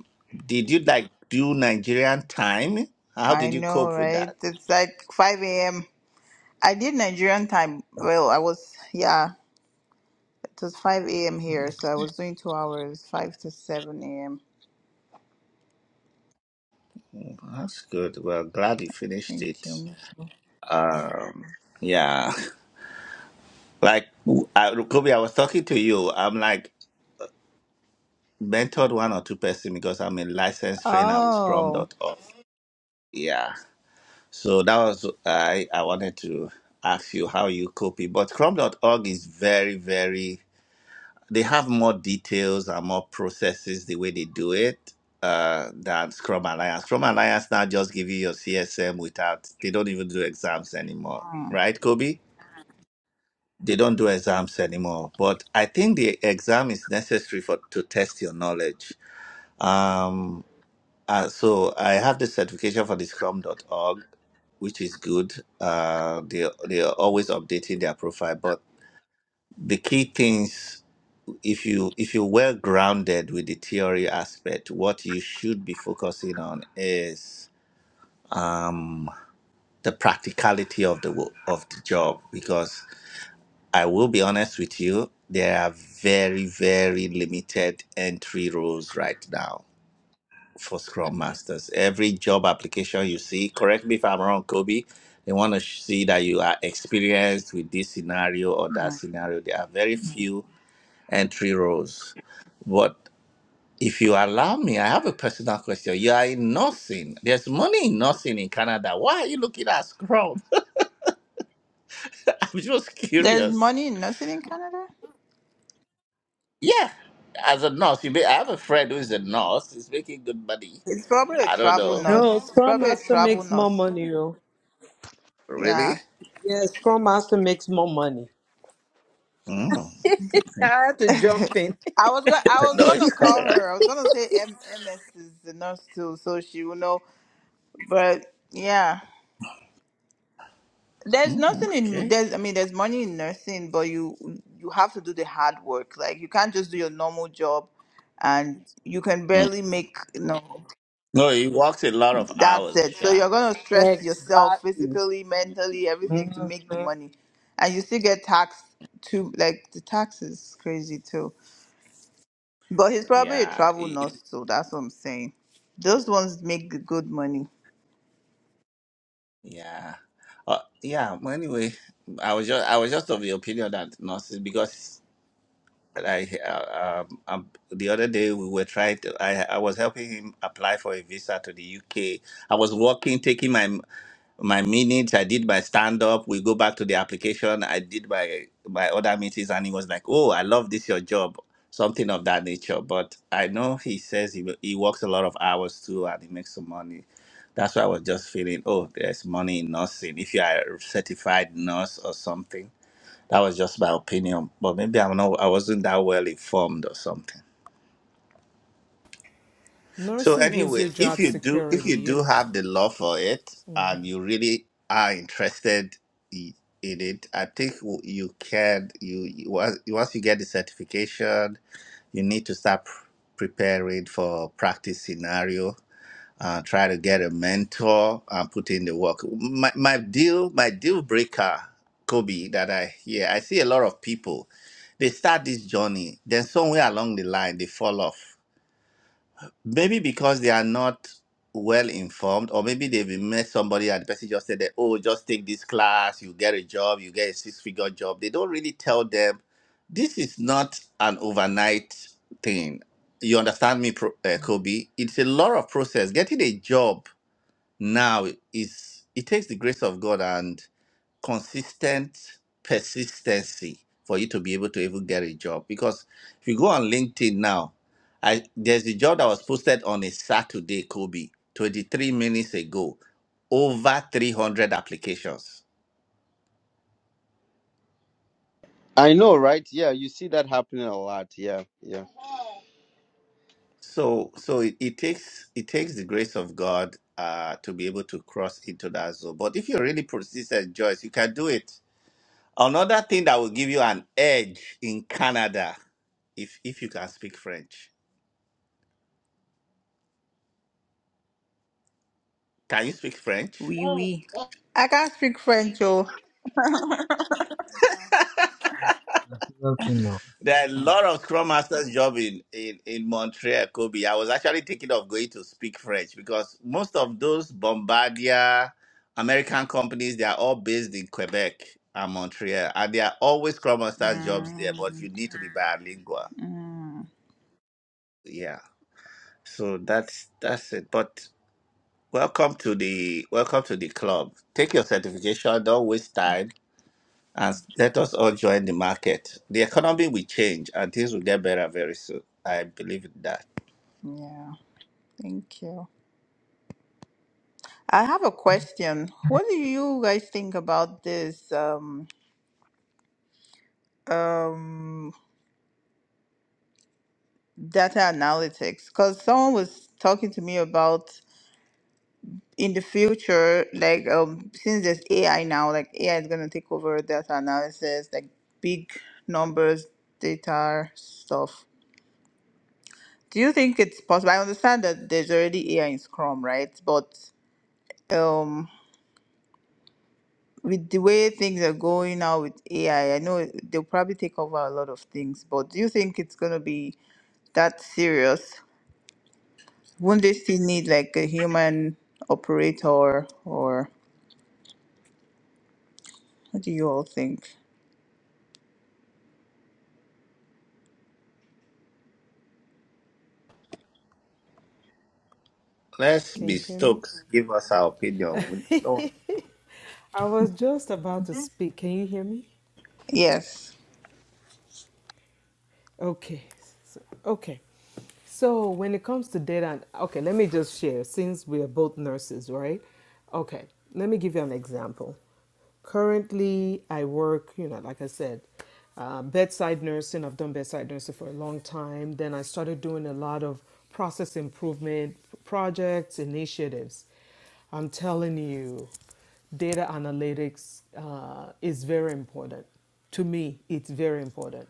[SPEAKER 3] Did you like do Nigerian time? How
[SPEAKER 5] I
[SPEAKER 3] did you
[SPEAKER 5] know,
[SPEAKER 3] cope with
[SPEAKER 5] right?
[SPEAKER 3] that?
[SPEAKER 5] It's like 5 a.m. I did Nigerian time. Well, I was, yeah, it was 5 a.m. here, so I was doing two hours, 5 to 7 a.m.
[SPEAKER 3] Mm, That's good. Well, glad you finished
[SPEAKER 5] Thank you.
[SPEAKER 3] it.
[SPEAKER 5] Michelle.
[SPEAKER 3] Um, yeah, like I, Kobe, I was talking to you. I'm like mentored one or two person because I'm a licensed trainer with
[SPEAKER 5] Oh,
[SPEAKER 3] Scrum.org. Yeah, so that was I. I wanted to ask you how you copy, but Scrum.org is very, very. They have more details and more processes the way they do it uh, than Scrum Alliance. Scrum Alliance now just give you your CSM without. They don't even do exams anymore,
[SPEAKER 5] Hmm.
[SPEAKER 3] right, Kobe? they don't do exams anymore. But I think the exam is necessary for to test your knowledge. Um, uh, so I have the certification for the Scrum.org, which is good. Uh, they they are always updating their profile, but the key things if you if you're well grounded with the theory aspect, what you should be focusing on is um, the practicality of the wo- of the job because I will be honest with you, there are very, very limited entry rules right now for Scrum Masters. Every job application you see, correct me if I'm wrong, Kobe, they want to see that you are experienced with this scenario or
[SPEAKER 5] Hmm.
[SPEAKER 3] that scenario. There are very few entry roles. But if you allow me, I have a personal question. You are in nursing. There's money in nursing in Canada. Why are you looking at Scrum? I'm just
[SPEAKER 5] there's
[SPEAKER 3] curious.
[SPEAKER 5] money in nursing in Canada?
[SPEAKER 3] Yeah, as a nurse, you may, I have a friend who is a nurse. He's making good money.
[SPEAKER 5] It's probably a
[SPEAKER 3] I don't
[SPEAKER 5] travel
[SPEAKER 3] know.
[SPEAKER 5] nurse.
[SPEAKER 4] No,
[SPEAKER 5] It's
[SPEAKER 4] Scrum
[SPEAKER 5] probably a
[SPEAKER 4] Master
[SPEAKER 5] travel
[SPEAKER 4] makes more
[SPEAKER 5] nurse.
[SPEAKER 4] money, though.
[SPEAKER 3] Really?
[SPEAKER 5] Yeah.
[SPEAKER 4] Yeah, Scrum Master makes more money.
[SPEAKER 3] Mm.
[SPEAKER 4] I had to jump in.
[SPEAKER 5] I was going. I was
[SPEAKER 3] No, it's
[SPEAKER 5] gonna call
[SPEAKER 3] right.
[SPEAKER 5] her. I was gonna say M- MS is the nurse too, so she will know But yeah, there's
[SPEAKER 3] Mm,
[SPEAKER 5] nothing in
[SPEAKER 3] okay.
[SPEAKER 5] there's I mean there's money in nursing, but you you have to do the hard work. Like you can't just do your normal job, and you can
[SPEAKER 3] Mm.
[SPEAKER 5] barely make you know
[SPEAKER 3] No, he works a lot of
[SPEAKER 5] that's
[SPEAKER 3] hours,
[SPEAKER 5] it. So
[SPEAKER 3] Sha.
[SPEAKER 5] you're gonna stress yourself
[SPEAKER 4] Exactly.
[SPEAKER 5] physically, mentally, everything to make the
[SPEAKER 4] Mhm.
[SPEAKER 5] money, and you still get taxed too. Like the tax is crazy too. But he's probably a
[SPEAKER 3] Yeah,
[SPEAKER 5] travel
[SPEAKER 3] he-
[SPEAKER 5] nurse, so that's what I'm saying. Those ones make the good money.
[SPEAKER 3] yeah, uh, yeah. well, Anyway, I was just I was just of the opinion that nurses because I uh, um, um, the other day we were trying to I I was helping him apply for a visa to the UK. I was working, taking my my minutes, I did my stand up. We go back to the application. I did my my other meetings, and he was like, "Oh, I love this your job," something of that nature. But I know he says he he works a lot of hours too, and he makes some money. That's why I was just feeling, oh, there's money in nursing. If you are a certified nurse or something, that was just my opinion. But maybe I'm not. I wasn't that well informed or something. So
[SPEAKER 4] Nursing gives
[SPEAKER 3] anyway,
[SPEAKER 4] you
[SPEAKER 3] if
[SPEAKER 4] job
[SPEAKER 3] you do if
[SPEAKER 4] security.
[SPEAKER 3] you do
[SPEAKER 4] You
[SPEAKER 3] have the love for it and you really are interested i- in it, I think w- you can you you- once once you get the certification, you need to start pr- preparing for practice scenario. Uh, try to get a mentor and put in the work. My my deal my deal breaker, Kobe, that I hear I see a lot of people, they start this journey, then somewhere along the line they fall off Maybe because they are not well informed, or maybe they've met somebody and the person just said that, oh, just take this class, you get a job, you get a six figure job. They don't really tell them this is not an overnight thing. You understand me, Pro- uh, Kobe? It's a lot of process. Getting a job now is, it takes the grace of God and consistent persistency for you to be able to even get a job. Because if you go on LinkedIn now, I there's a job that was posted on a Saturday, Kobe, 23 minutes ago, over 300 applications.
[SPEAKER 1] I know, right? Yeah, you see that happening a lot. Yeah, yeah.
[SPEAKER 3] So so it, it takes it takes the grace of God uh, to be able to cross into that zone. But if you're really persistent, Joyce, you can do it. Another thing that will give you an edge in Canada, if if you can speak French. Can you speak French?
[SPEAKER 5] Wee oui, wee. Oui. I can't speak French, oh.
[SPEAKER 2] I see that thing now.
[SPEAKER 3] There are a lot of Scrum Masters job in, in, in Montreal, Kobe. I was actually thinking of going to speak French because most of those Bombardier American companies, they are all based in Quebec and Montreal. And there are always Scrum Masters jobs there,
[SPEAKER 5] Mm.
[SPEAKER 3] but you need to be bilingual.
[SPEAKER 5] Mm,
[SPEAKER 3] Yeah. So that's that's it. But welcome to the welcome to the club. Take your certification, don't waste time. And let us all join the market. The economy will change and things will get better very soon. I believe in that.
[SPEAKER 5] yeah, thank you. I have a question. What do you guys think about this um, um, data analytics? Because someone was talking to me about in the future, like um, since there's AI now, like AI is gonna take over data analysis, like big numbers, data stuff. Do you think it's possible? I understand that there's already AI in Scrum, right? But um. with the way things are going now with AI, I I know they'll probably take over a lot of things, but do you think it's going to be that serious? Won't they still need like a human operator or what do you all think?
[SPEAKER 3] Let's
[SPEAKER 4] can
[SPEAKER 3] be
[SPEAKER 4] you hear
[SPEAKER 3] Stokes. Give us our opinion.
[SPEAKER 4] me? I was just about to speak. Can you hear me?
[SPEAKER 5] Yes.
[SPEAKER 4] Okay. So, okay. So when it comes to data, and, okay, let me just share since we are both nurses, right? Okay, let me give you an example. Currently, I work, you know, like I said, uh, bedside nursing. I've done bedside nursing for a long time. Then I started doing a lot of process improvement projects, initiatives. I'm telling you, data analytics uh, is very important. To me, it's very important.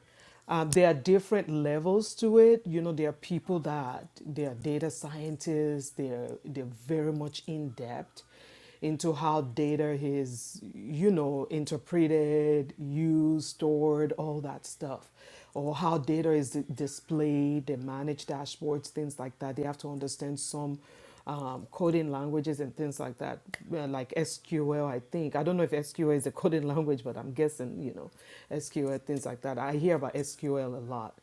[SPEAKER 4] Um, there are different levels to it. You know, there are people that they are data scientists. They're they're very much in depth into how data is, you know, interpreted, used, stored, all that stuff, or how data is di- displayed, they manage dashboards, things like that. They have to understand some um, coding languages and things like that, uh, like SQL, I think. I don't know if SQL is a coding language, but I'm guessing, you know, SQL, things like that. I hear about SQL a lot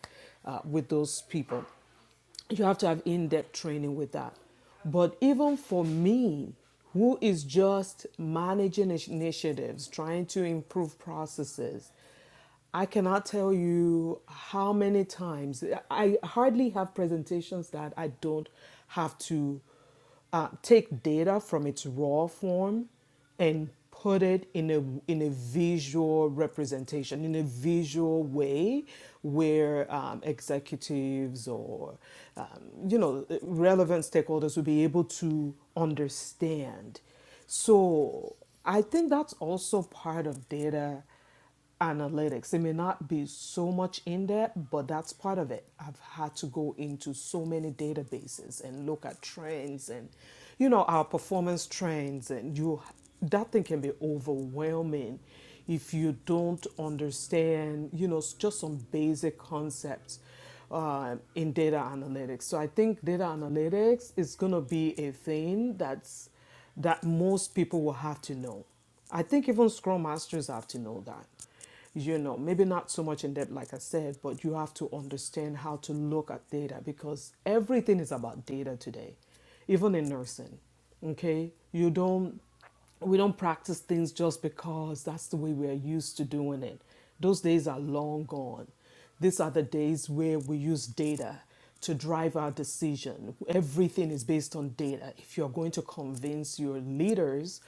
[SPEAKER 4] uh, with those people you have to have in-depth training with that but even for me who is just managing initiatives trying to improve processes i cannot tell you how many times i hardly have presentations that i don't have to uh, take data from its raw form and put it in a in a visual representation in a visual way where um, executives or um, you know relevant stakeholders will be able to understand so i think that's also part of data analytics. It may not be so much in there, but that's part of it. I've had to go into so many databases and look at trends and you know our performance trends and you that thing can be overwhelming if you don't understand, you know, just some basic concepts uh, in data analytics. So I think data analytics is going to be a thing that's that most people will have to know. I think even Scrum Masters have to know that. You know, maybe not so much in depth, like I said, but you have to understand how to look at data because everything is about data today, even in nursing. Okay, you don't we don't practice things just because that's the way we are used to doing it. Those days are long gone. These are the days where we use data to drive our decision. Everything is based on data. If you're going to convince your leaders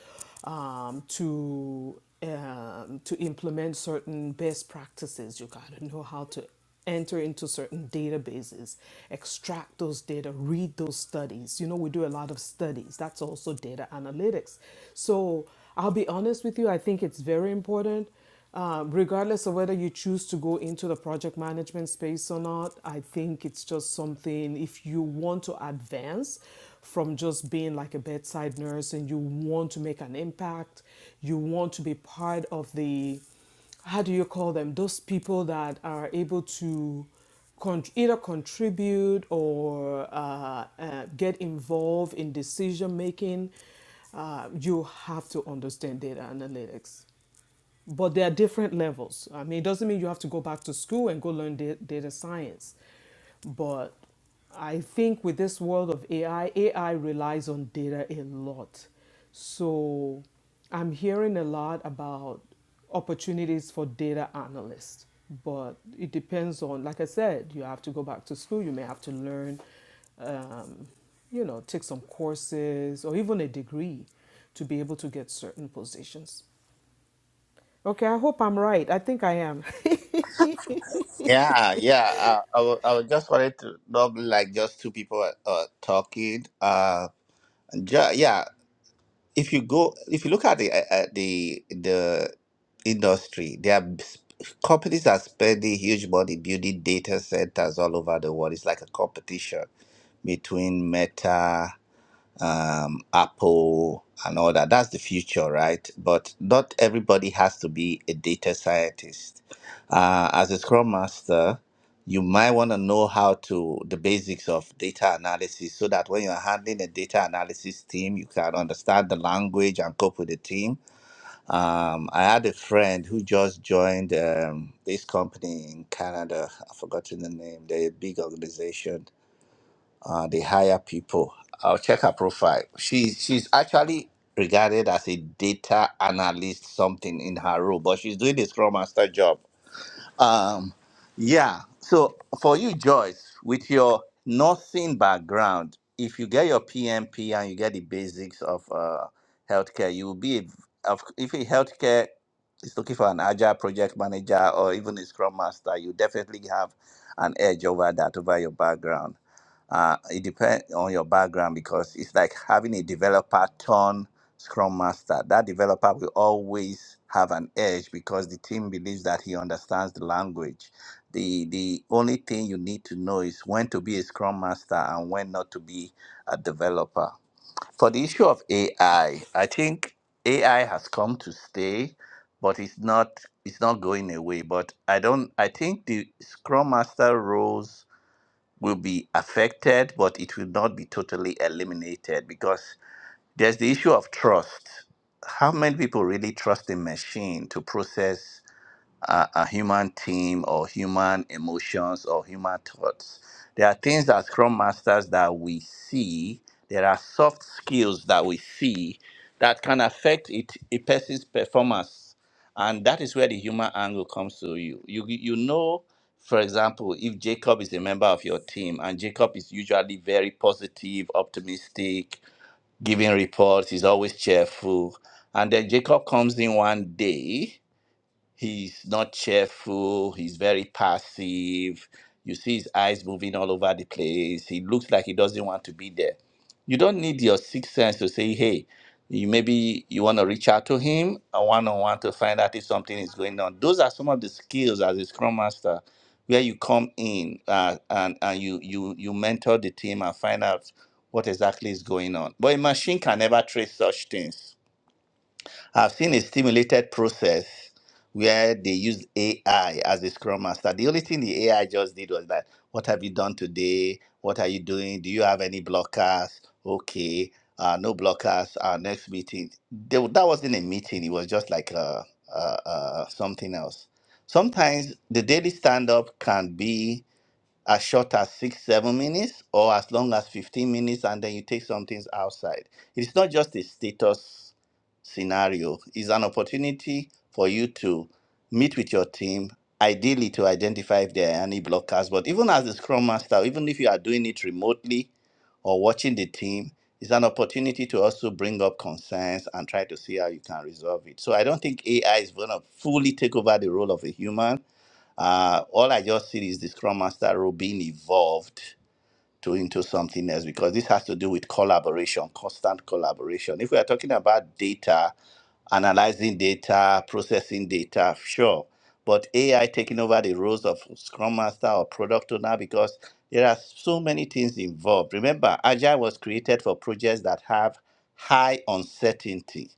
[SPEAKER 4] um, to um, to implement certain best practices, you got to know how to enter into certain databases, extract those data, read those studies. You know, we do a lot of studies. That's also data analytics. So I'll be honest with you, I think it's very important. Um, regardless of whether you choose to go into the project management space or not, I think it's just something if you want to advance from just being like a bedside nurse and you want to make an impact, you want to be part of the how do you call them those people that are able to con- either contribute or uh, uh, get involved in decision making uh, you have to understand data analytics but there are different levels. I mean, it doesn't mean you have to go back to school and go learn da- data science, but I think with this world of AI, AI relies on data a lot. So I'm hearing a lot about opportunities for data analysts, but it depends on, like I said, you have to go back to school, you may have to learn, um, you know, take some courses or even a degree to be able to get certain positions. Okay, I hope I'm right. I think I am.
[SPEAKER 3] Yeah, yeah. Uh, I, wa- I was just wanted to not be like just two people are, uh, talking. Uh, and ju- yeah. If you go, if you look at the uh, uh, the the industry, there are sp- companies that are spending huge money building data centers all over the world. It's like a competition between Meta. um, Apple, and all that. That's the future, right? But not everybody has to be a data scientist. Uh, as a Scrum Master, you might want to know how to the basics of data analysis so that when you're handling a data analysis team, you can understand the language and cope with the team. Um, I had a friend who just joined um, this company in Canada. I've forgotten the name. They're a big organization uh, they hire people. I'll check her profile. She she's actually regarded as a data analyst something in her role, but she's doing the Scrum Master job. Um, yeah. So for you, Joyce, with your nursing background, if you get your PMP and you get the basics of uh, healthcare, you will be a, of- if a healthcare is looking for an agile project manager or even a scrum master, you definitely have an edge over that over your background. Uh, it depends on your background because it's like having a developer turn scrum master, that developer will always have an edge because the team believes that he understands the language. The the only thing you need to know is when to be a scrum master and when not to be a developer. For the issue of AI, I I think AI has come to stay, but it's not it's not going away. But I don't I think the scrum master roles will be affected, but it will not be totally eliminated because there's the issue of trust. How many people really trust a machine to process a, a human team or human emotions or human thoughts? There are things as Scrum Masters that we see, there are soft skills that we see that can affect it, a person's performance. And that is where the human angle comes to you. You, you know, for example, if Jacob is a member of your team and Jacob is usually very positive, optimistic, giving reports. He's always cheerful. And then Jacob comes in one day He's not cheerful. He's very passive. You see his eyes moving all over the place. He looks like he doesn't want to be there. You don't need your sixth sense to say, hey, you maybe you want to reach out to him or one on one to find out if something is going on. Those are some of the skills as a scrum master where you come in uh, and, and you, you you mentor the team and find out what exactly is going on. But a machine can never trace such things I've seen a stimulated process where they used AI as a scrum master. The only thing the AI just did was that, what have you done today? What are you doing? Do you have any blockers? Okay, uh, no blockers. Our next meeting. They, that wasn't a meeting. It was just like uh uh uh something else. Sometimes the daily stand up can be as short as six, seven minutes, or as long as 15 minutes, and then you take some things outside. It's not just a status scenario, it's an opportunity for you to meet with your team, ideally to identify if there are any blockers. But even as a scrum master, even if you are doing it remotely or watching the team, it's an opportunity to also bring up concerns and try to see how you can resolve it. So I don't think AI is going to fully take over the role of a human uh, all I just see is the Scrum Master role being evolved to into something else because this has to do with collaboration, constant collaboration. If we are talking about data, analyzing data, processing data, sure. But AI taking over the roles of Scrum Master or Product Owner because there are so many things involved. Remember, Agile was created for projects that have high uncertainty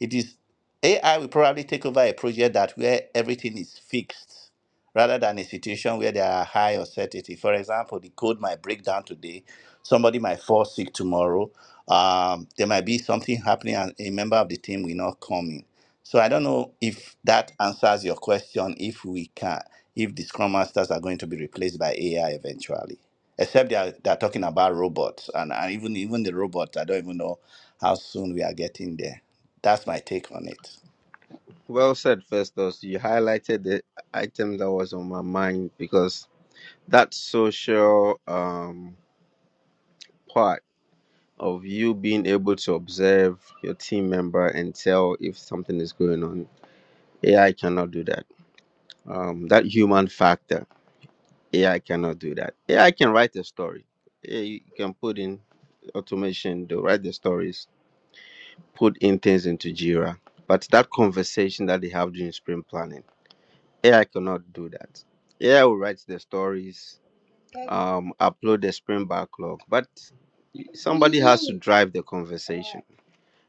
[SPEAKER 3] it is AI will probably take over a project that where everything is fixed rather than a situation where there are high uncertainty. For example, the code might break down today, somebody might fall sick tomorrow. Um, there might be something happening and a member of the team will not come in so I don't know if that answers your question. If we can, if the Scrum Masters are going to be replaced by AI eventually, except they are, they are talking about robots, and, and even even the robots, I don't even know how soon we are getting there. That's my take on it.
[SPEAKER 1] Well said, Festus. You highlighted the item that was on my mind because that social um, part of you being able to observe your team member and tell if something is going on, AI cannot do that. Um, that human factor, AI cannot do that. AI can write a story. AI can put in automation to write the stories put in things into Jira. But that conversation that they have during sprint planning, AI cannot do that. AI will write the stories, um, upload the sprint backlog, but somebody has to drive the conversation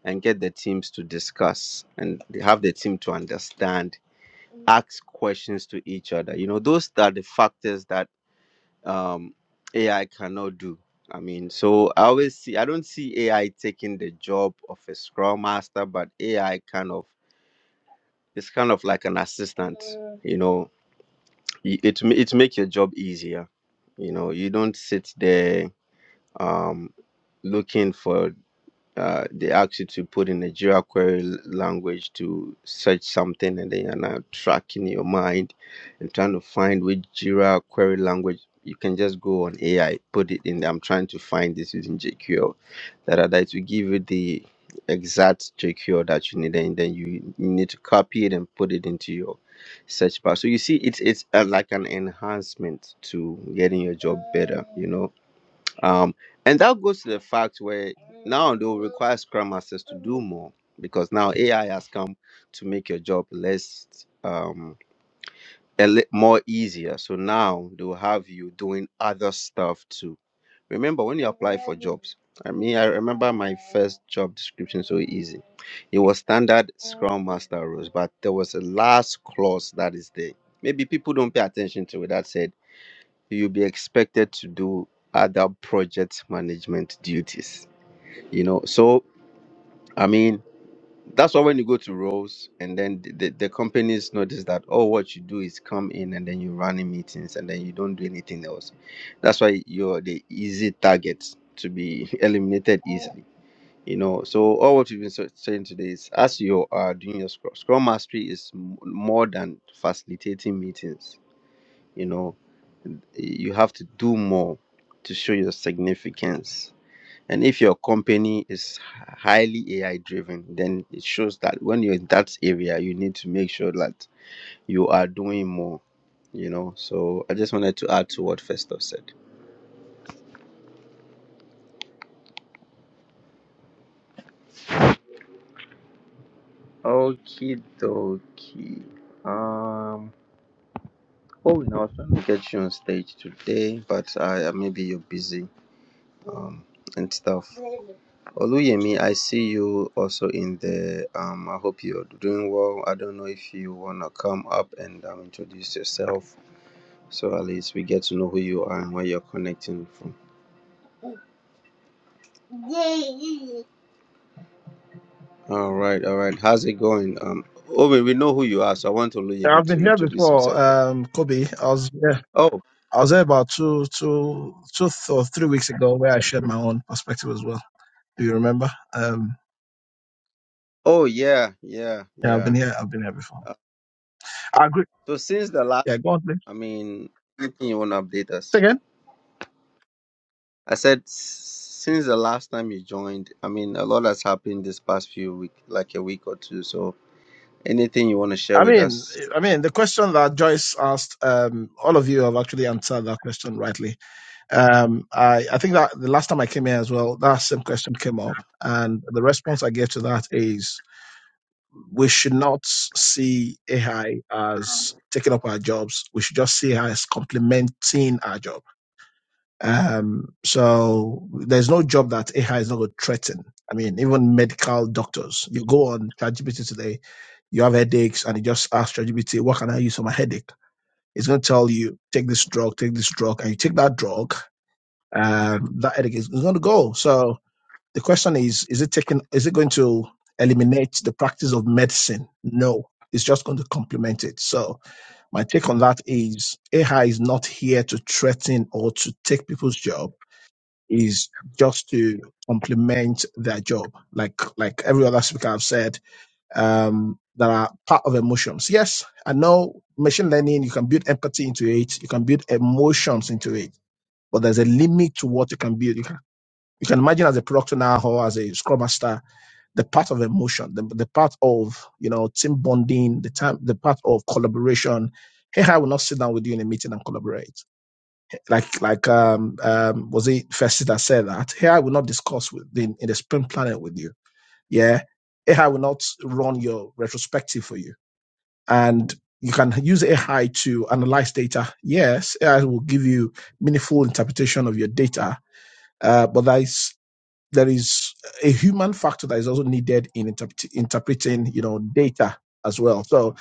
[SPEAKER 1] and get the teams to discuss and have the team to understand, ask questions to each other. You know, those are the factors that um, AI cannot do. I mean, so I always see, I don't see AI taking the job of a scrum master, but AI kind of It's kind of like an assistant, you know. Y- It ma- it makes your job easier. You know, you don't sit there um looking for uh, they ask you to put in a Jira query l- language to search something, and then you're now tracking your mind and trying to find which Jira query language. You can just go on AI, put it in. I'm trying to find this using JQL. That are that will give you the exact JQL that you need, and then you need to copy it and put it into your search bar. So you see, it's it's uh, like an enhancement to getting your job better. You know um, and that goes to the fact where now they will require Scrum Masters to do more because now AI has come to make your job less um a li- more easier. So now they will have you doing other stuff too. Remember when you apply for jobs? I mean, I remember my first job description so easy. It was standard Scrum Master rules, but there was a last clause that is there. Maybe people don't pay attention to it. That said you'll be expected to do other project management duties you know so i mean that's why when you go to roles and then the, the, the companies notice that oh what you do is come in and then you run in meetings and then you don't do anything else that's why you're the easy target to be eliminated easily you know so all what you've been sa- saying today is as you are doing your scrum, scrum mastery is m- more than facilitating meetings you know you have to do more to show your significance. And if your company is highly AI driven, then it shows that when you're in that area, you need to make sure that you are doing more, you know. So I just wanted to add to what Festo said. Okay, dokie. Um, oh, no, I was trying to get you on stage today, but I uh, maybe you're busy um, and stuff. Oluyemi, I see you also in there. Um, I hope you're doing well. I don't know if you wanna come up and um, introduce yourself, so at least we get to know who you are and where you're connecting from. All right, all right. How's it going? Um, oh, wait, we know who you are, so I want
[SPEAKER 6] Yeah,
[SPEAKER 1] Oluyemi
[SPEAKER 6] I've been
[SPEAKER 1] to
[SPEAKER 6] here
[SPEAKER 1] introduce
[SPEAKER 6] before,
[SPEAKER 1] himself.
[SPEAKER 6] um, Kobe. I was yeah,
[SPEAKER 1] Oh,
[SPEAKER 6] I was there about two, two, two th- or three weeks ago, where I shared my own perspective as well. Do you remember? Um,
[SPEAKER 1] oh yeah, yeah,
[SPEAKER 6] yeah, I've
[SPEAKER 1] yeah.
[SPEAKER 6] been here. I've been here before.
[SPEAKER 1] Uh,
[SPEAKER 6] I agree.
[SPEAKER 1] so since the last,
[SPEAKER 6] Yeah, go on, please.
[SPEAKER 1] I mean, anything you wanna update
[SPEAKER 6] Say
[SPEAKER 1] us?
[SPEAKER 6] Again,
[SPEAKER 1] I said s- since the last time you joined, I mean, a lot has happened this past few week, like a week or two. So Anything you want to share
[SPEAKER 6] I
[SPEAKER 1] with
[SPEAKER 6] mean,
[SPEAKER 1] us?
[SPEAKER 6] I mean, the question that Joyce asked, um, all of you have actually answered that question rightly. Um, I, I think that the last time I came here as well, that same question came up, and the response I gave to that is we should not see AI as taking up our jobs. We should just see AI as complementing our job. Um, so there's no job that AI is not going to threaten. I mean, even medical doctors. You go on ChatGPT today, you have headaches, and you just ask ChatGPT, "What can I use for my headache?" It's going to tell you, "Take this drug, take this drug," and you take that drug. Um, that headache is going to go. So the question is, is it taking, is it going to eliminate the practice of medicine? No, it's just going to complement it. So my take on that is AI is not here to threaten or to take people's job. Is just to complement their job. Like, like every other speaker I've said, um, that are part of emotions. Yes, I know machine learning, you can build empathy into it. You can build emotions into it, but there's a limit to what you can build. You can, you can imagine as a product owner or as a scrum master, the part of emotion, the, the part of you know team bonding, the time, the part of collaboration. Hey, I will not sit down with you in a meeting and collaborate. Like like um, um was it Festus that said that? Hey, I will not discuss with in, in the sprint planning with you. Yeah, AI will not run your retrospective for you, and you can use AI to analyze data. Yes, AI will give you meaningful interpretation of your data, uh, but that is there is a human factor that is also needed in interpret- interpreting, you know, data as well. So I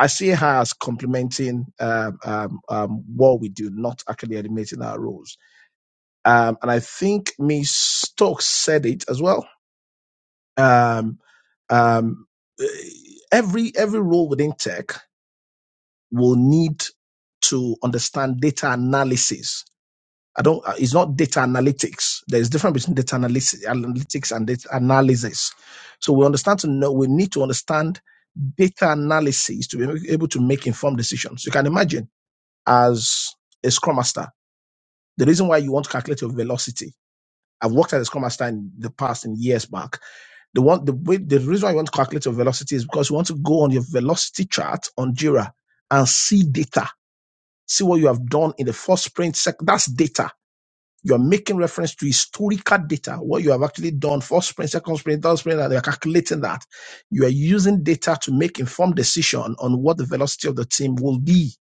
[SPEAKER 6] I see her as complementing um, um, um, what we do, not actually eliminating our roles. Um, and I think Miss Stokes said it as well. Um, um, eh, every every role within tech will need to understand data analysis I don't. uh, It's not data analytics. There is difference between data analysis, analytics and data analysis. So we understand to know. We need to understand data analysis to be able to make informed decisions. You can imagine as a scrum master, the reason why you want to calculate your velocity. I've worked as a scrum master in the past, in years back. The one, the way, the reason why you want to calculate your velocity is because you want to go on your velocity chart on Jira and see data, see what you have done in the first sprint. Sec- that's data you're making reference to historical data, what you have actually done, first spring, second spring, third spring, and you're calculating that. You are using data to make informed decision on what the velocity of the team will be.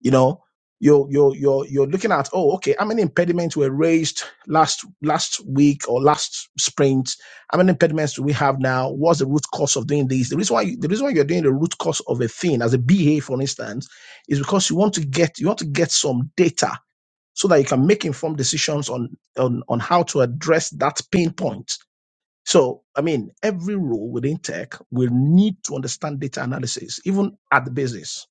[SPEAKER 6] You know, you're you're you're you're looking at, oh, okay, how many impediments were raised last last week or last sprint? How many impediments do we have now? What's the root cause of doing this? The reason why you, the reason why you're doing the root cause of a thing as a BA, for instance, is because you want to get you want to get some data so that you can make informed decisions on, on, on how to address that pain point. So, I mean, every role within tech will need to understand data analysis, even at the basis.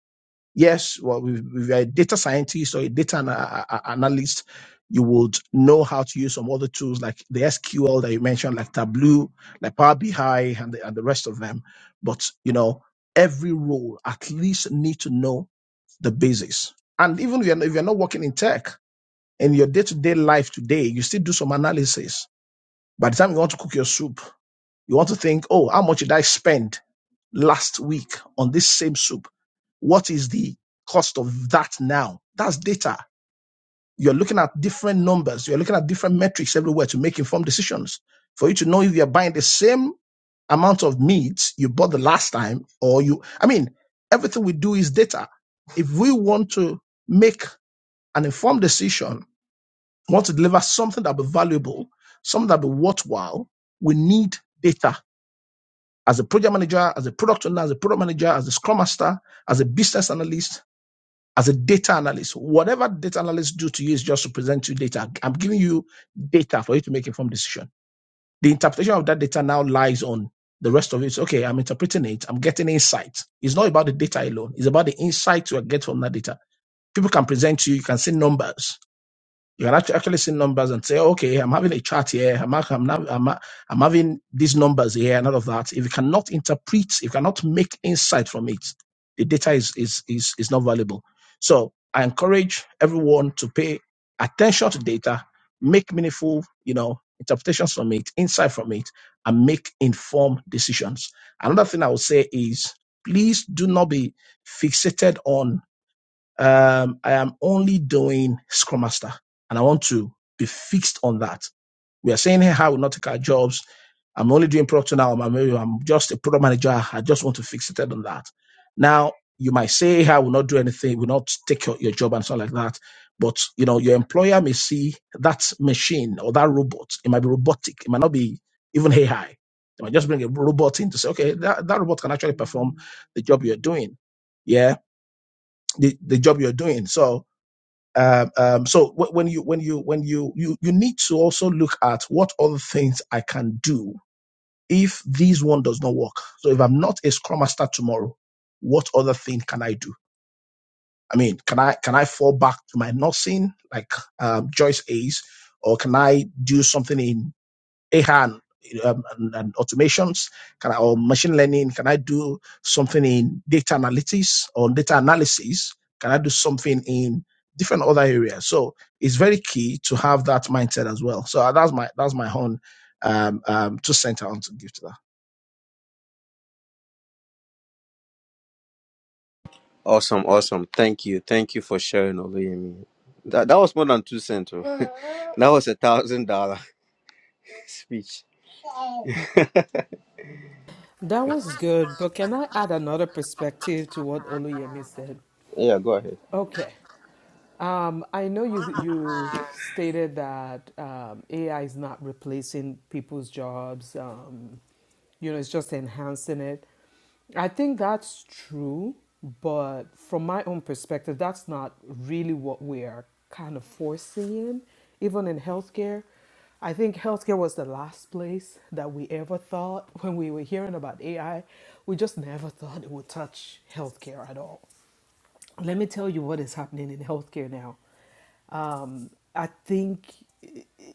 [SPEAKER 6] Yes, well, if if you're a data scientist or a data ana- a- a- analyst, you would know how to use some other tools like the SQL that you mentioned, like Tableau, like Power BI, and the, and the rest of them. But, you know, every role at least need to know the basis. And even if you're, if you're not working in tech, in your day-to-day life today, you still do some analysis. By the time you want to cook your soup, you want to think, oh, how much did I spend last week on this same soup? What is the cost of that now? That's data. You're looking at different numbers. You're looking at different metrics everywhere to make informed decisions. For you to know if you're buying the same amount of meat you bought the last time or you, I mean, everything we do is data. If we want to make an informed decision I want to deliver something that will be valuable, something that will be worthwhile. We need data. As a project manager, as a product owner, as a product manager, as a scrum master, as a business analyst, as a data analyst, whatever data analysts do to you is just to present you data. I'm giving you data for you to make informed decision. The interpretation of that data now lies on the rest of it. Okay, I'm interpreting it. I'm getting insight. It's not about the data alone. It's about the insight you get from that data. People can present to you. You can see numbers you can actu- actually see numbers and say, okay, I'm having a chart here. I'm, ha- I'm, nav- I'm, ha- I'm having these numbers here and all of that. If you cannot interpret, if you cannot make insight from it, the data is, is, is, is not valuable. So I encourage everyone to pay attention to data, make meaningful, you know, interpretations from it, insight from it, and make informed decisions. Another thing I would say is please do not be fixated on um, I am only doing Scrum Master, and I want to be fixed on that. We are saying here how we not take our jobs. I'm only doing product now. I'm, I'm just a product manager. I just want to fix it on that. Now you might say hey, I will not do anything. Will not take your, your job and stuff like that. But you know your employer may see that machine or that robot. It might be robotic. It might not be even AI. They might just bring a robot in to say, okay, that, that robot can actually perform the job you're doing. Yeah, the, the job you're doing. So um, um, so wh- when you when you when you you you need to also look at what other things I can do if this one does not work. So if I'm not a scrum master tomorrow, what other thing can I do? I mean, can I can I fall back to my nursing like um, Joyce Ace, or can I do something in AI and, um, and, and automations? Can I, or machine learning? Can I do something in data analytics or data analysis? Can I do something in different other areas? So it's very key to have that mindset as well. So uh, that's my that's my own um, um, two cents I want to give to that.
[SPEAKER 1] Awesome, awesome. Thank you. Thank you for sharing Oluyemi. That that was more than two cents. oh. that was a thousand dollar speech.
[SPEAKER 4] that was good, but can I add another perspective to what Oluyemi said?
[SPEAKER 1] Yeah, go ahead.
[SPEAKER 4] Okay. Um, I know you you stated that um, AI is not replacing people's jobs. Um, you know, it's just enhancing it. I think that's true, but from my own perspective, that's not really what we are kind of foreseeing, even in healthcare. I think healthcare was the last place that we ever thought when we were hearing about AI. We just never thought it would touch healthcare at all. Let me tell you what is happening in healthcare now. Um, I think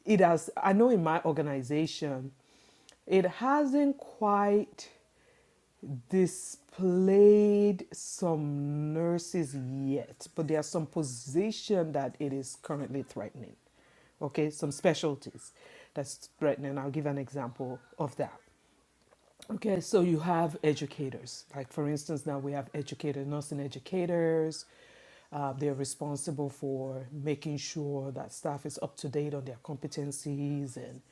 [SPEAKER 4] it has, I know in my organization, it hasn't quite displayed some nurses yet, but there are some positions that it is currently threatening. Okay, some specialties that's threatening. I'll give an example of that. Okay, so you have educators. Like, for instance, now we have educators, nursing educators. Uh, they're responsible for making sure that staff is up to date on their competencies and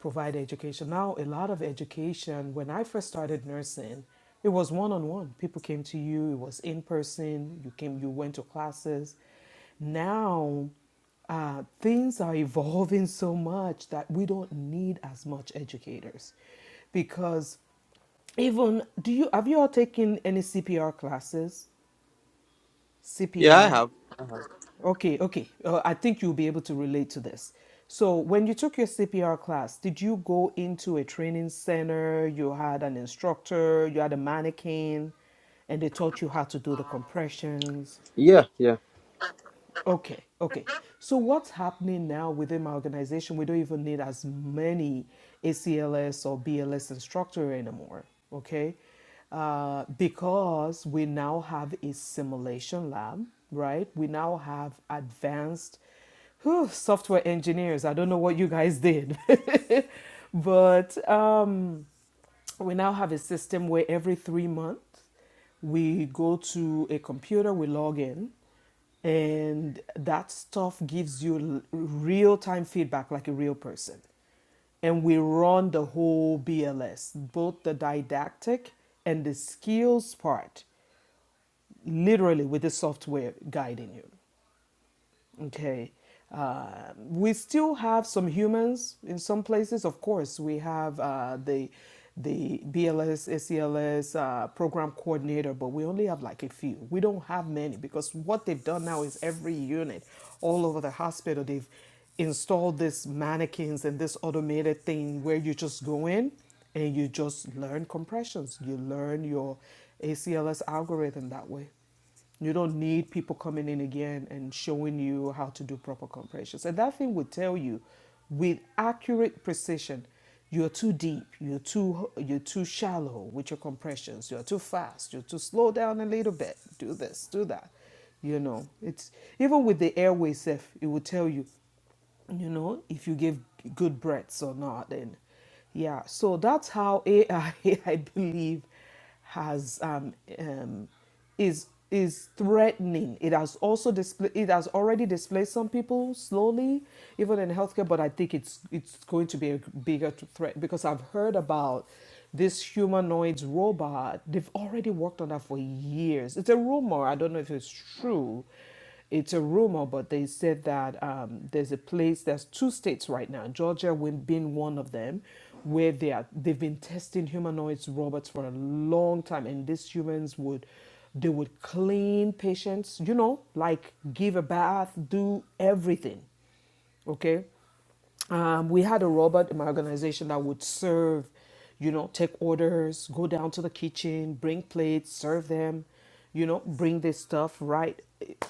[SPEAKER 4] provide education. Now, a lot of education, when I first started nursing, it was one on one. People came to you, it was in person, you came, you went to classes. Now, uh, things are evolving so much that we don't need as much educators because even do you have you all taken any CPR classes?
[SPEAKER 1] Yeah, I
[SPEAKER 4] CPR.
[SPEAKER 1] have.
[SPEAKER 4] Okay, okay. Uh, I think you'll be able to relate to this. So, when you took your CPR class, did you go into a training center? You had an instructor, you had a mannequin, and they taught you how to do the compressions.
[SPEAKER 1] Yeah, yeah.
[SPEAKER 4] Okay, okay. So what's happening now within my organization? We don't even need as many ACLS or BLS instructor anymore. Okay, uh, because we now have a simulation lab, right? We now have advanced whew, software engineers. I don't know what you guys did, but. Um, we now have a system where every three months we go to a computer, we log in, and that stuff gives you real time feedback like a real person. And we run the whole BLS, both the didactic and the skills part, literally with the software guiding you. Okay. Uh, we still have some humans in some places. Of course, we have uh, the the BLS, ACLS uh, program coordinator, but we only have like a few. We don't have many because what they've done now is every unit all over the hospital they've installed this mannequins and this automated thing where you just go in and you just learn compressions. You learn your ACLS algorithm that way. You don't need people coming in again and showing you how to do proper compressions. And that thing will tell you with accurate precision, you're too deep, you're too you're too shallow with your compressions, you're too fast, you're too slow down a little bit, do this, do that. You know, it's even with the airway self, it will tell you you know, if you give good breaths or not. And yeah, so that's how AI, I I believe, has um, um, is is threatening. It has also displa it has already displaced some people slowly, even in healthcare. But I think it's it's going to be a bigger th- threat because I've heard about this humanoid robot. They've already worked on that for years. It's a rumor. I don't know if it's true it's a rumor, but they said that um, there's a place. There's two states right now, Georgia win- being one of them, where they are they've been testing humanoids robots for a long time, and these humans would they would clean patients, you know, like give a bath, do everything, okay um, we had a robot in my organization that would serve, you know, take orders, go down to the kitchen, bring plates, serve them, you know, bring this stuff right. It-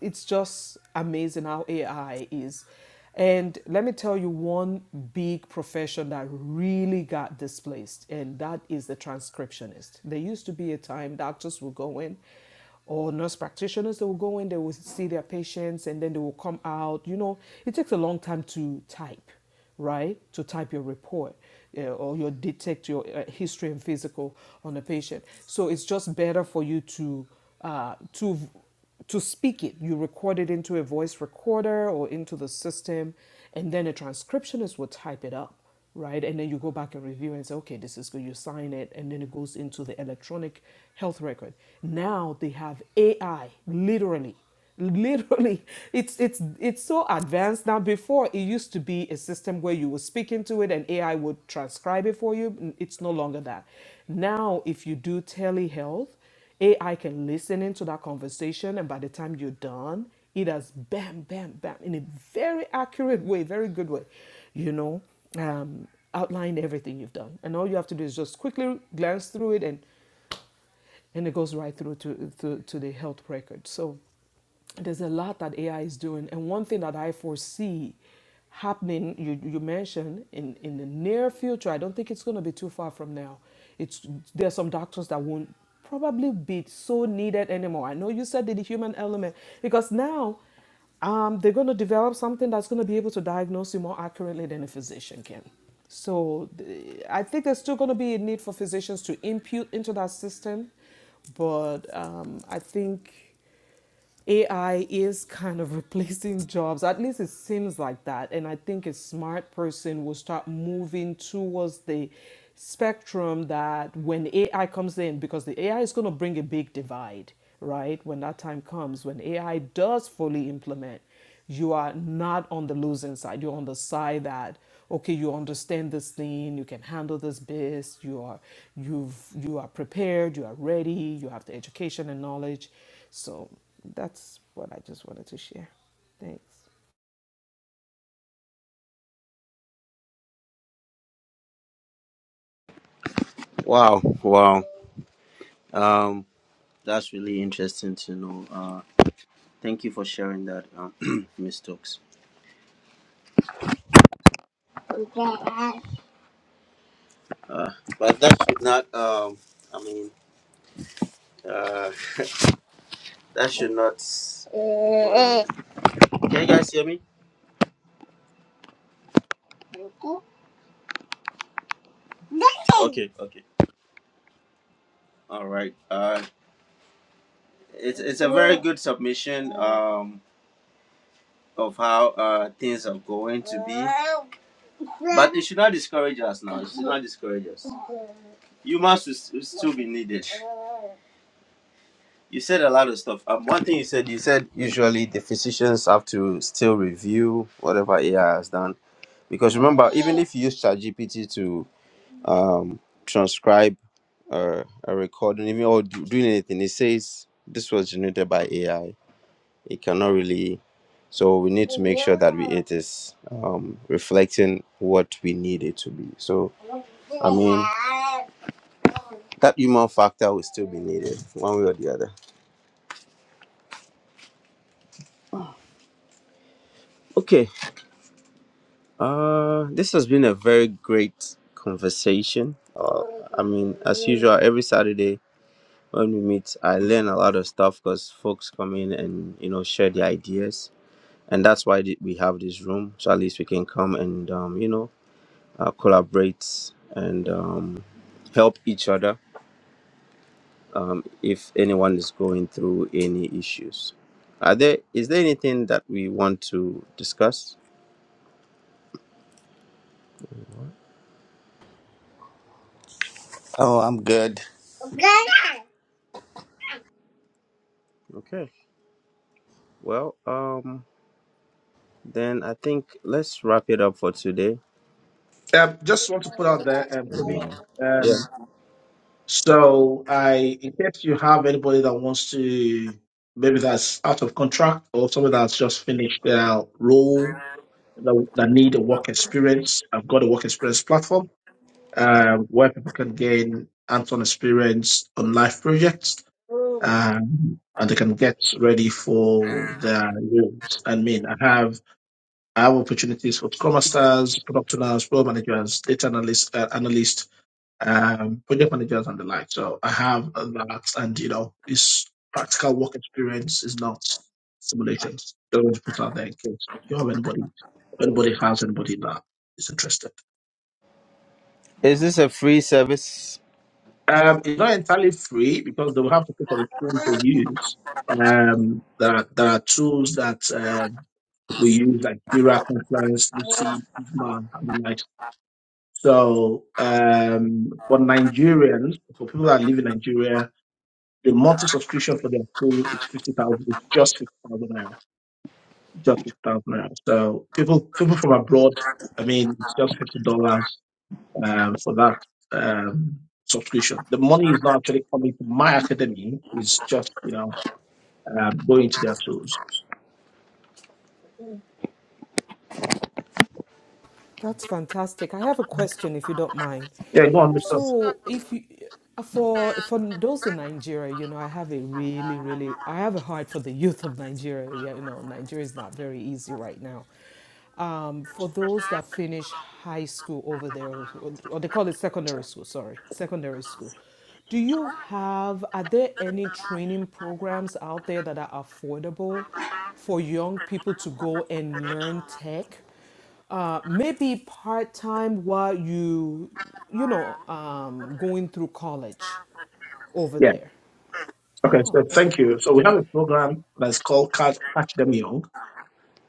[SPEAKER 4] It's just amazing how AI is. And let me tell you one big profession that really got displaced, and that is the transcriptionist. There used to be a time doctors would go in or nurse practitioners that will go in, they will see their patients and then they will come out. You know, it takes a long time to type, right? To type your report uh, or your detect your uh, history and physical on a patient. So it's just better for you to uh, to to speak it. You record it into a voice recorder or into the system, and then a transcriptionist will type it up, right? And then you go back and review and say, okay, this is good. You sign it, and then it goes into the electronic health record. Now they have AI, literally. Literally, it's it's it's so advanced now. Before it used to be a system where you would speak into it and AI would transcribe it for you. It's no longer that. Now, if you do telehealth, AI can listen into that conversation, and by the time you're done, it has bam, bam, bam, in a very accurate way, very good way, you know, um, outline everything you've done. And all you have to do is just quickly glance through it, and, and it goes right through to, to, to the health record. So there's a lot that AI is doing. And one thing that I foresee happening, you, you mentioned, in, in the near future, I don't think it's going to be too far from now. It's There are some doctors that won't probably be so needed anymore. I know you said the human element, because now um, they're going to develop something that's going to be able to diagnose you more accurately than a physician can. So the- I think there's still going to be a need for physicians to impute into that system, but um, I think. AI is kind of replacing jobs. At least it seems like that. And I think a smart person will start moving towards the spectrum that when AI comes in, because the AI is going to bring a big divide, right? When that time comes, when AI does fully implement you are not on the losing side. You're on the side that okay, you understand this thing, you can handle this biz, you are you've you are prepared, you are ready, you have the education and knowledge. So that's what I just wanted to share. Thanks.
[SPEAKER 1] Wow, wow. Um, that's really interesting to know. Uh, thank you for sharing that, um, Miss Stokes. Uh, but that should not. Um, I mean, uh, that should not. Wow. Can you guys hear me? Okay, okay. All right. Uh, it's it's a very good submission um of how uh things are going to be, but it should not discourage us now. It should not discourage us. Humans will, s- will still be needed. You said a lot of stuff. Um, one thing you said, you said usually the physicians have to still review whatever AI has done because remember, even if you use ChatGPT to um transcribe uh, a recording, even or do, doing anything, it says this was generated by AI It cannot really. So we need to make sure that we, it is um, reflecting what we need it to be. So, I mean, that human factor will still be needed one way or the other. Okay. Uh, this has been a very great conversation. Uh, I mean, as usual, every Saturday when we meet, I learn a lot of stuff because folks come in and you know share their ideas, and that's why th- we have this room. So at least we can come and um, you know uh, collaborate and um, help each other um, if anyone is going through any issues. Are there is there anything that we want to discuss?
[SPEAKER 3] Oh, I'm good.
[SPEAKER 1] Okay. Well, um, then I think let's wrap it up for today.
[SPEAKER 6] Um, just want to put out there, um, Toby.
[SPEAKER 1] Mhm. Yeah.
[SPEAKER 6] Um, so I, in case you have anybody that wants to, maybe that's out of contract or somebody that's just finished their role that, that need a work experience. I've got a work experience platform uh, where people can gain hands-on experience on live projects um, and they can get ready for their roles. I mean, I have I have opportunities for Scrum Masters, Product Owners, Role Managers, Data Analysts, uh, analysts um, project managers and the like. So I have that, and you know, it's practical work experience is not simulations. Don't want to put out there in case you have anybody, anybody has anybody that is interested.
[SPEAKER 1] Is this a free service?
[SPEAKER 6] Um, it's not entirely free because they will have to pay for the tools they use. Um, there are, there are tools that uh, we use like Mira, Confluence, Lucy, Sigma, and the like. So um, for Nigerians, for people that live in Nigeria, The monthly subscription for their school is fifty thousand. It's just fifty thousand naira. Just fifty thousand naira. So people people from abroad, I mean, it's just fifty dollars um, for that um, subscription. The money is not actually coming from my academy. It's just you know um, going to their tools.
[SPEAKER 4] That's fantastic. I have a question if you don't mind.
[SPEAKER 6] Yeah, go on, Mister.
[SPEAKER 4] So, if you for for those in Nigeria, you know, I have a really really I have a heart for the youth of Nigeria. Yeah, You know, Nigeria is not very easy right now. Um, for those that finish high school over there, or, or they call it secondary school. Sorry, secondary school. Do you have are there any training programs out there that are affordable for young people to go and learn tech? uh, maybe part time while you, you know, um, going through college over
[SPEAKER 6] Yeah.
[SPEAKER 4] there.
[SPEAKER 6] Okay. So
[SPEAKER 4] Oh, okay.
[SPEAKER 6] thank you. So we have a program that's called Catch Catch Them Young,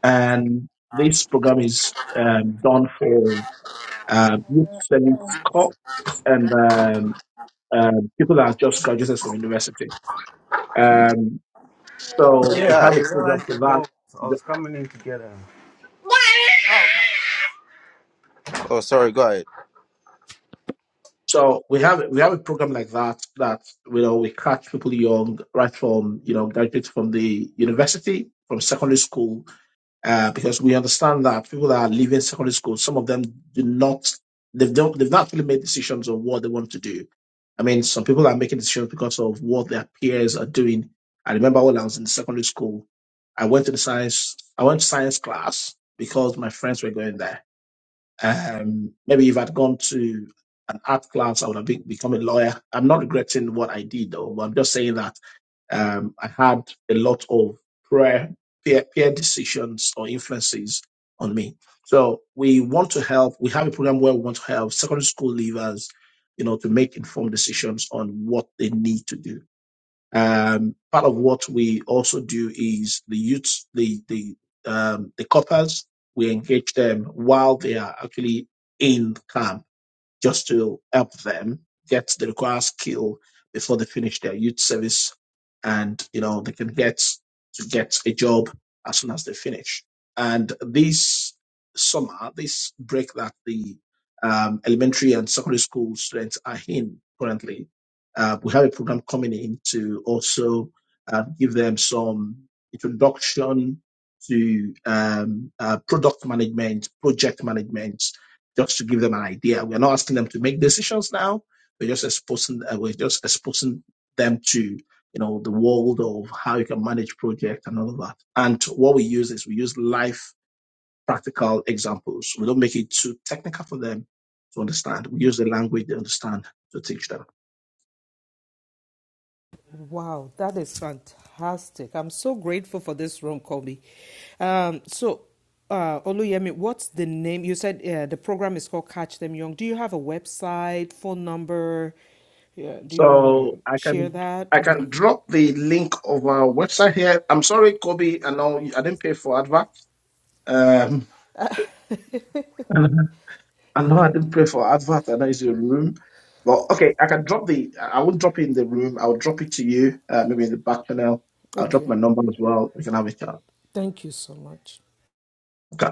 [SPEAKER 6] and this program is um, done for uh, youth service corps and um, um, people that are just graduated from university. Um, so we
[SPEAKER 1] Yeah, I
[SPEAKER 6] have a program
[SPEAKER 1] realized
[SPEAKER 6] for
[SPEAKER 1] the
[SPEAKER 6] that.
[SPEAKER 1] door. I
[SPEAKER 6] The-
[SPEAKER 1] was coming in together. Oh, sorry. Go ahead.
[SPEAKER 6] So we have we have a program like that that you know we catch people young right from you know graduates from the university from secondary school uh, because we understand that people that are leaving secondary school, some of them do not, they've don't, they've not really made decisions on what they want to do. I mean, some people are making decisions because of what their peers are doing. I remember when I was in secondary school, I went to the science, I went to science class because my friends were going there. Um, maybe if I'd gone to an art class, I would have be- become a lawyer. I'm not regretting what I did, though, but I'm just saying that um, I had a lot of prayer, peer, peer decisions or influences on me. So we want to help. We have a program where we want to help secondary school leavers, you know, to make informed decisions on what they need to do um, part of what we also do is the youth, the the um, the coppers. We engage them while they are actually in camp just to help them get the required skill before they finish their youth service and you know they can get to get a job as soon as they finish and this summer this break that the um, elementary and secondary school students are in currently uh, we have a program coming in to also uh, give them some introduction to um, uh, product management project management just to give them an idea. We're not asking them to make decisions now. We're just exposing uh, we're just exposing them to you know the world of how you can manage project and all of that. And what we use is we use life practical examples. We don't make it too technical for them to understand. We use the language they understand to teach them.
[SPEAKER 4] Wow, that is fantastic. I'm so grateful for this room, Kobe. Um, so, uh, Oluyemi, what's the name? You said uh, the program is called Catch Them Young. Do you have a website, phone number? Yeah, do you want
[SPEAKER 6] So
[SPEAKER 4] to
[SPEAKER 6] I
[SPEAKER 4] share
[SPEAKER 6] can
[SPEAKER 4] that?
[SPEAKER 6] I
[SPEAKER 4] Mhm.
[SPEAKER 6] can drop the link of our website here. I'm sorry, Kobe. I know you- I didn't pay for advert. Um, I know I did pray for advert and that is your room. But okay, I can drop the I won't drop it in the room. I'll drop it to you, uh, maybe in the back channel. I'll drop
[SPEAKER 4] Okay.
[SPEAKER 6] my number as well. We can have a chat.
[SPEAKER 4] Thank you so much.
[SPEAKER 6] Okay.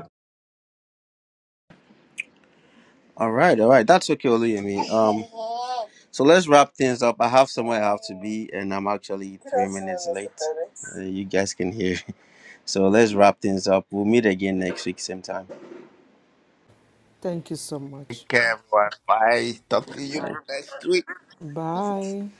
[SPEAKER 1] All right, all right. That's okay, Oluyemi. Um, so let's wrap things up. I have somewhere I have to be, and I'm actually three minutes late. Uh, you guys can hear. So let's wrap things up. We'll meet again next week, same time.
[SPEAKER 4] Thank you so much.
[SPEAKER 3] Take care, everyone. Bye. Talk to you next week.
[SPEAKER 4] Bye.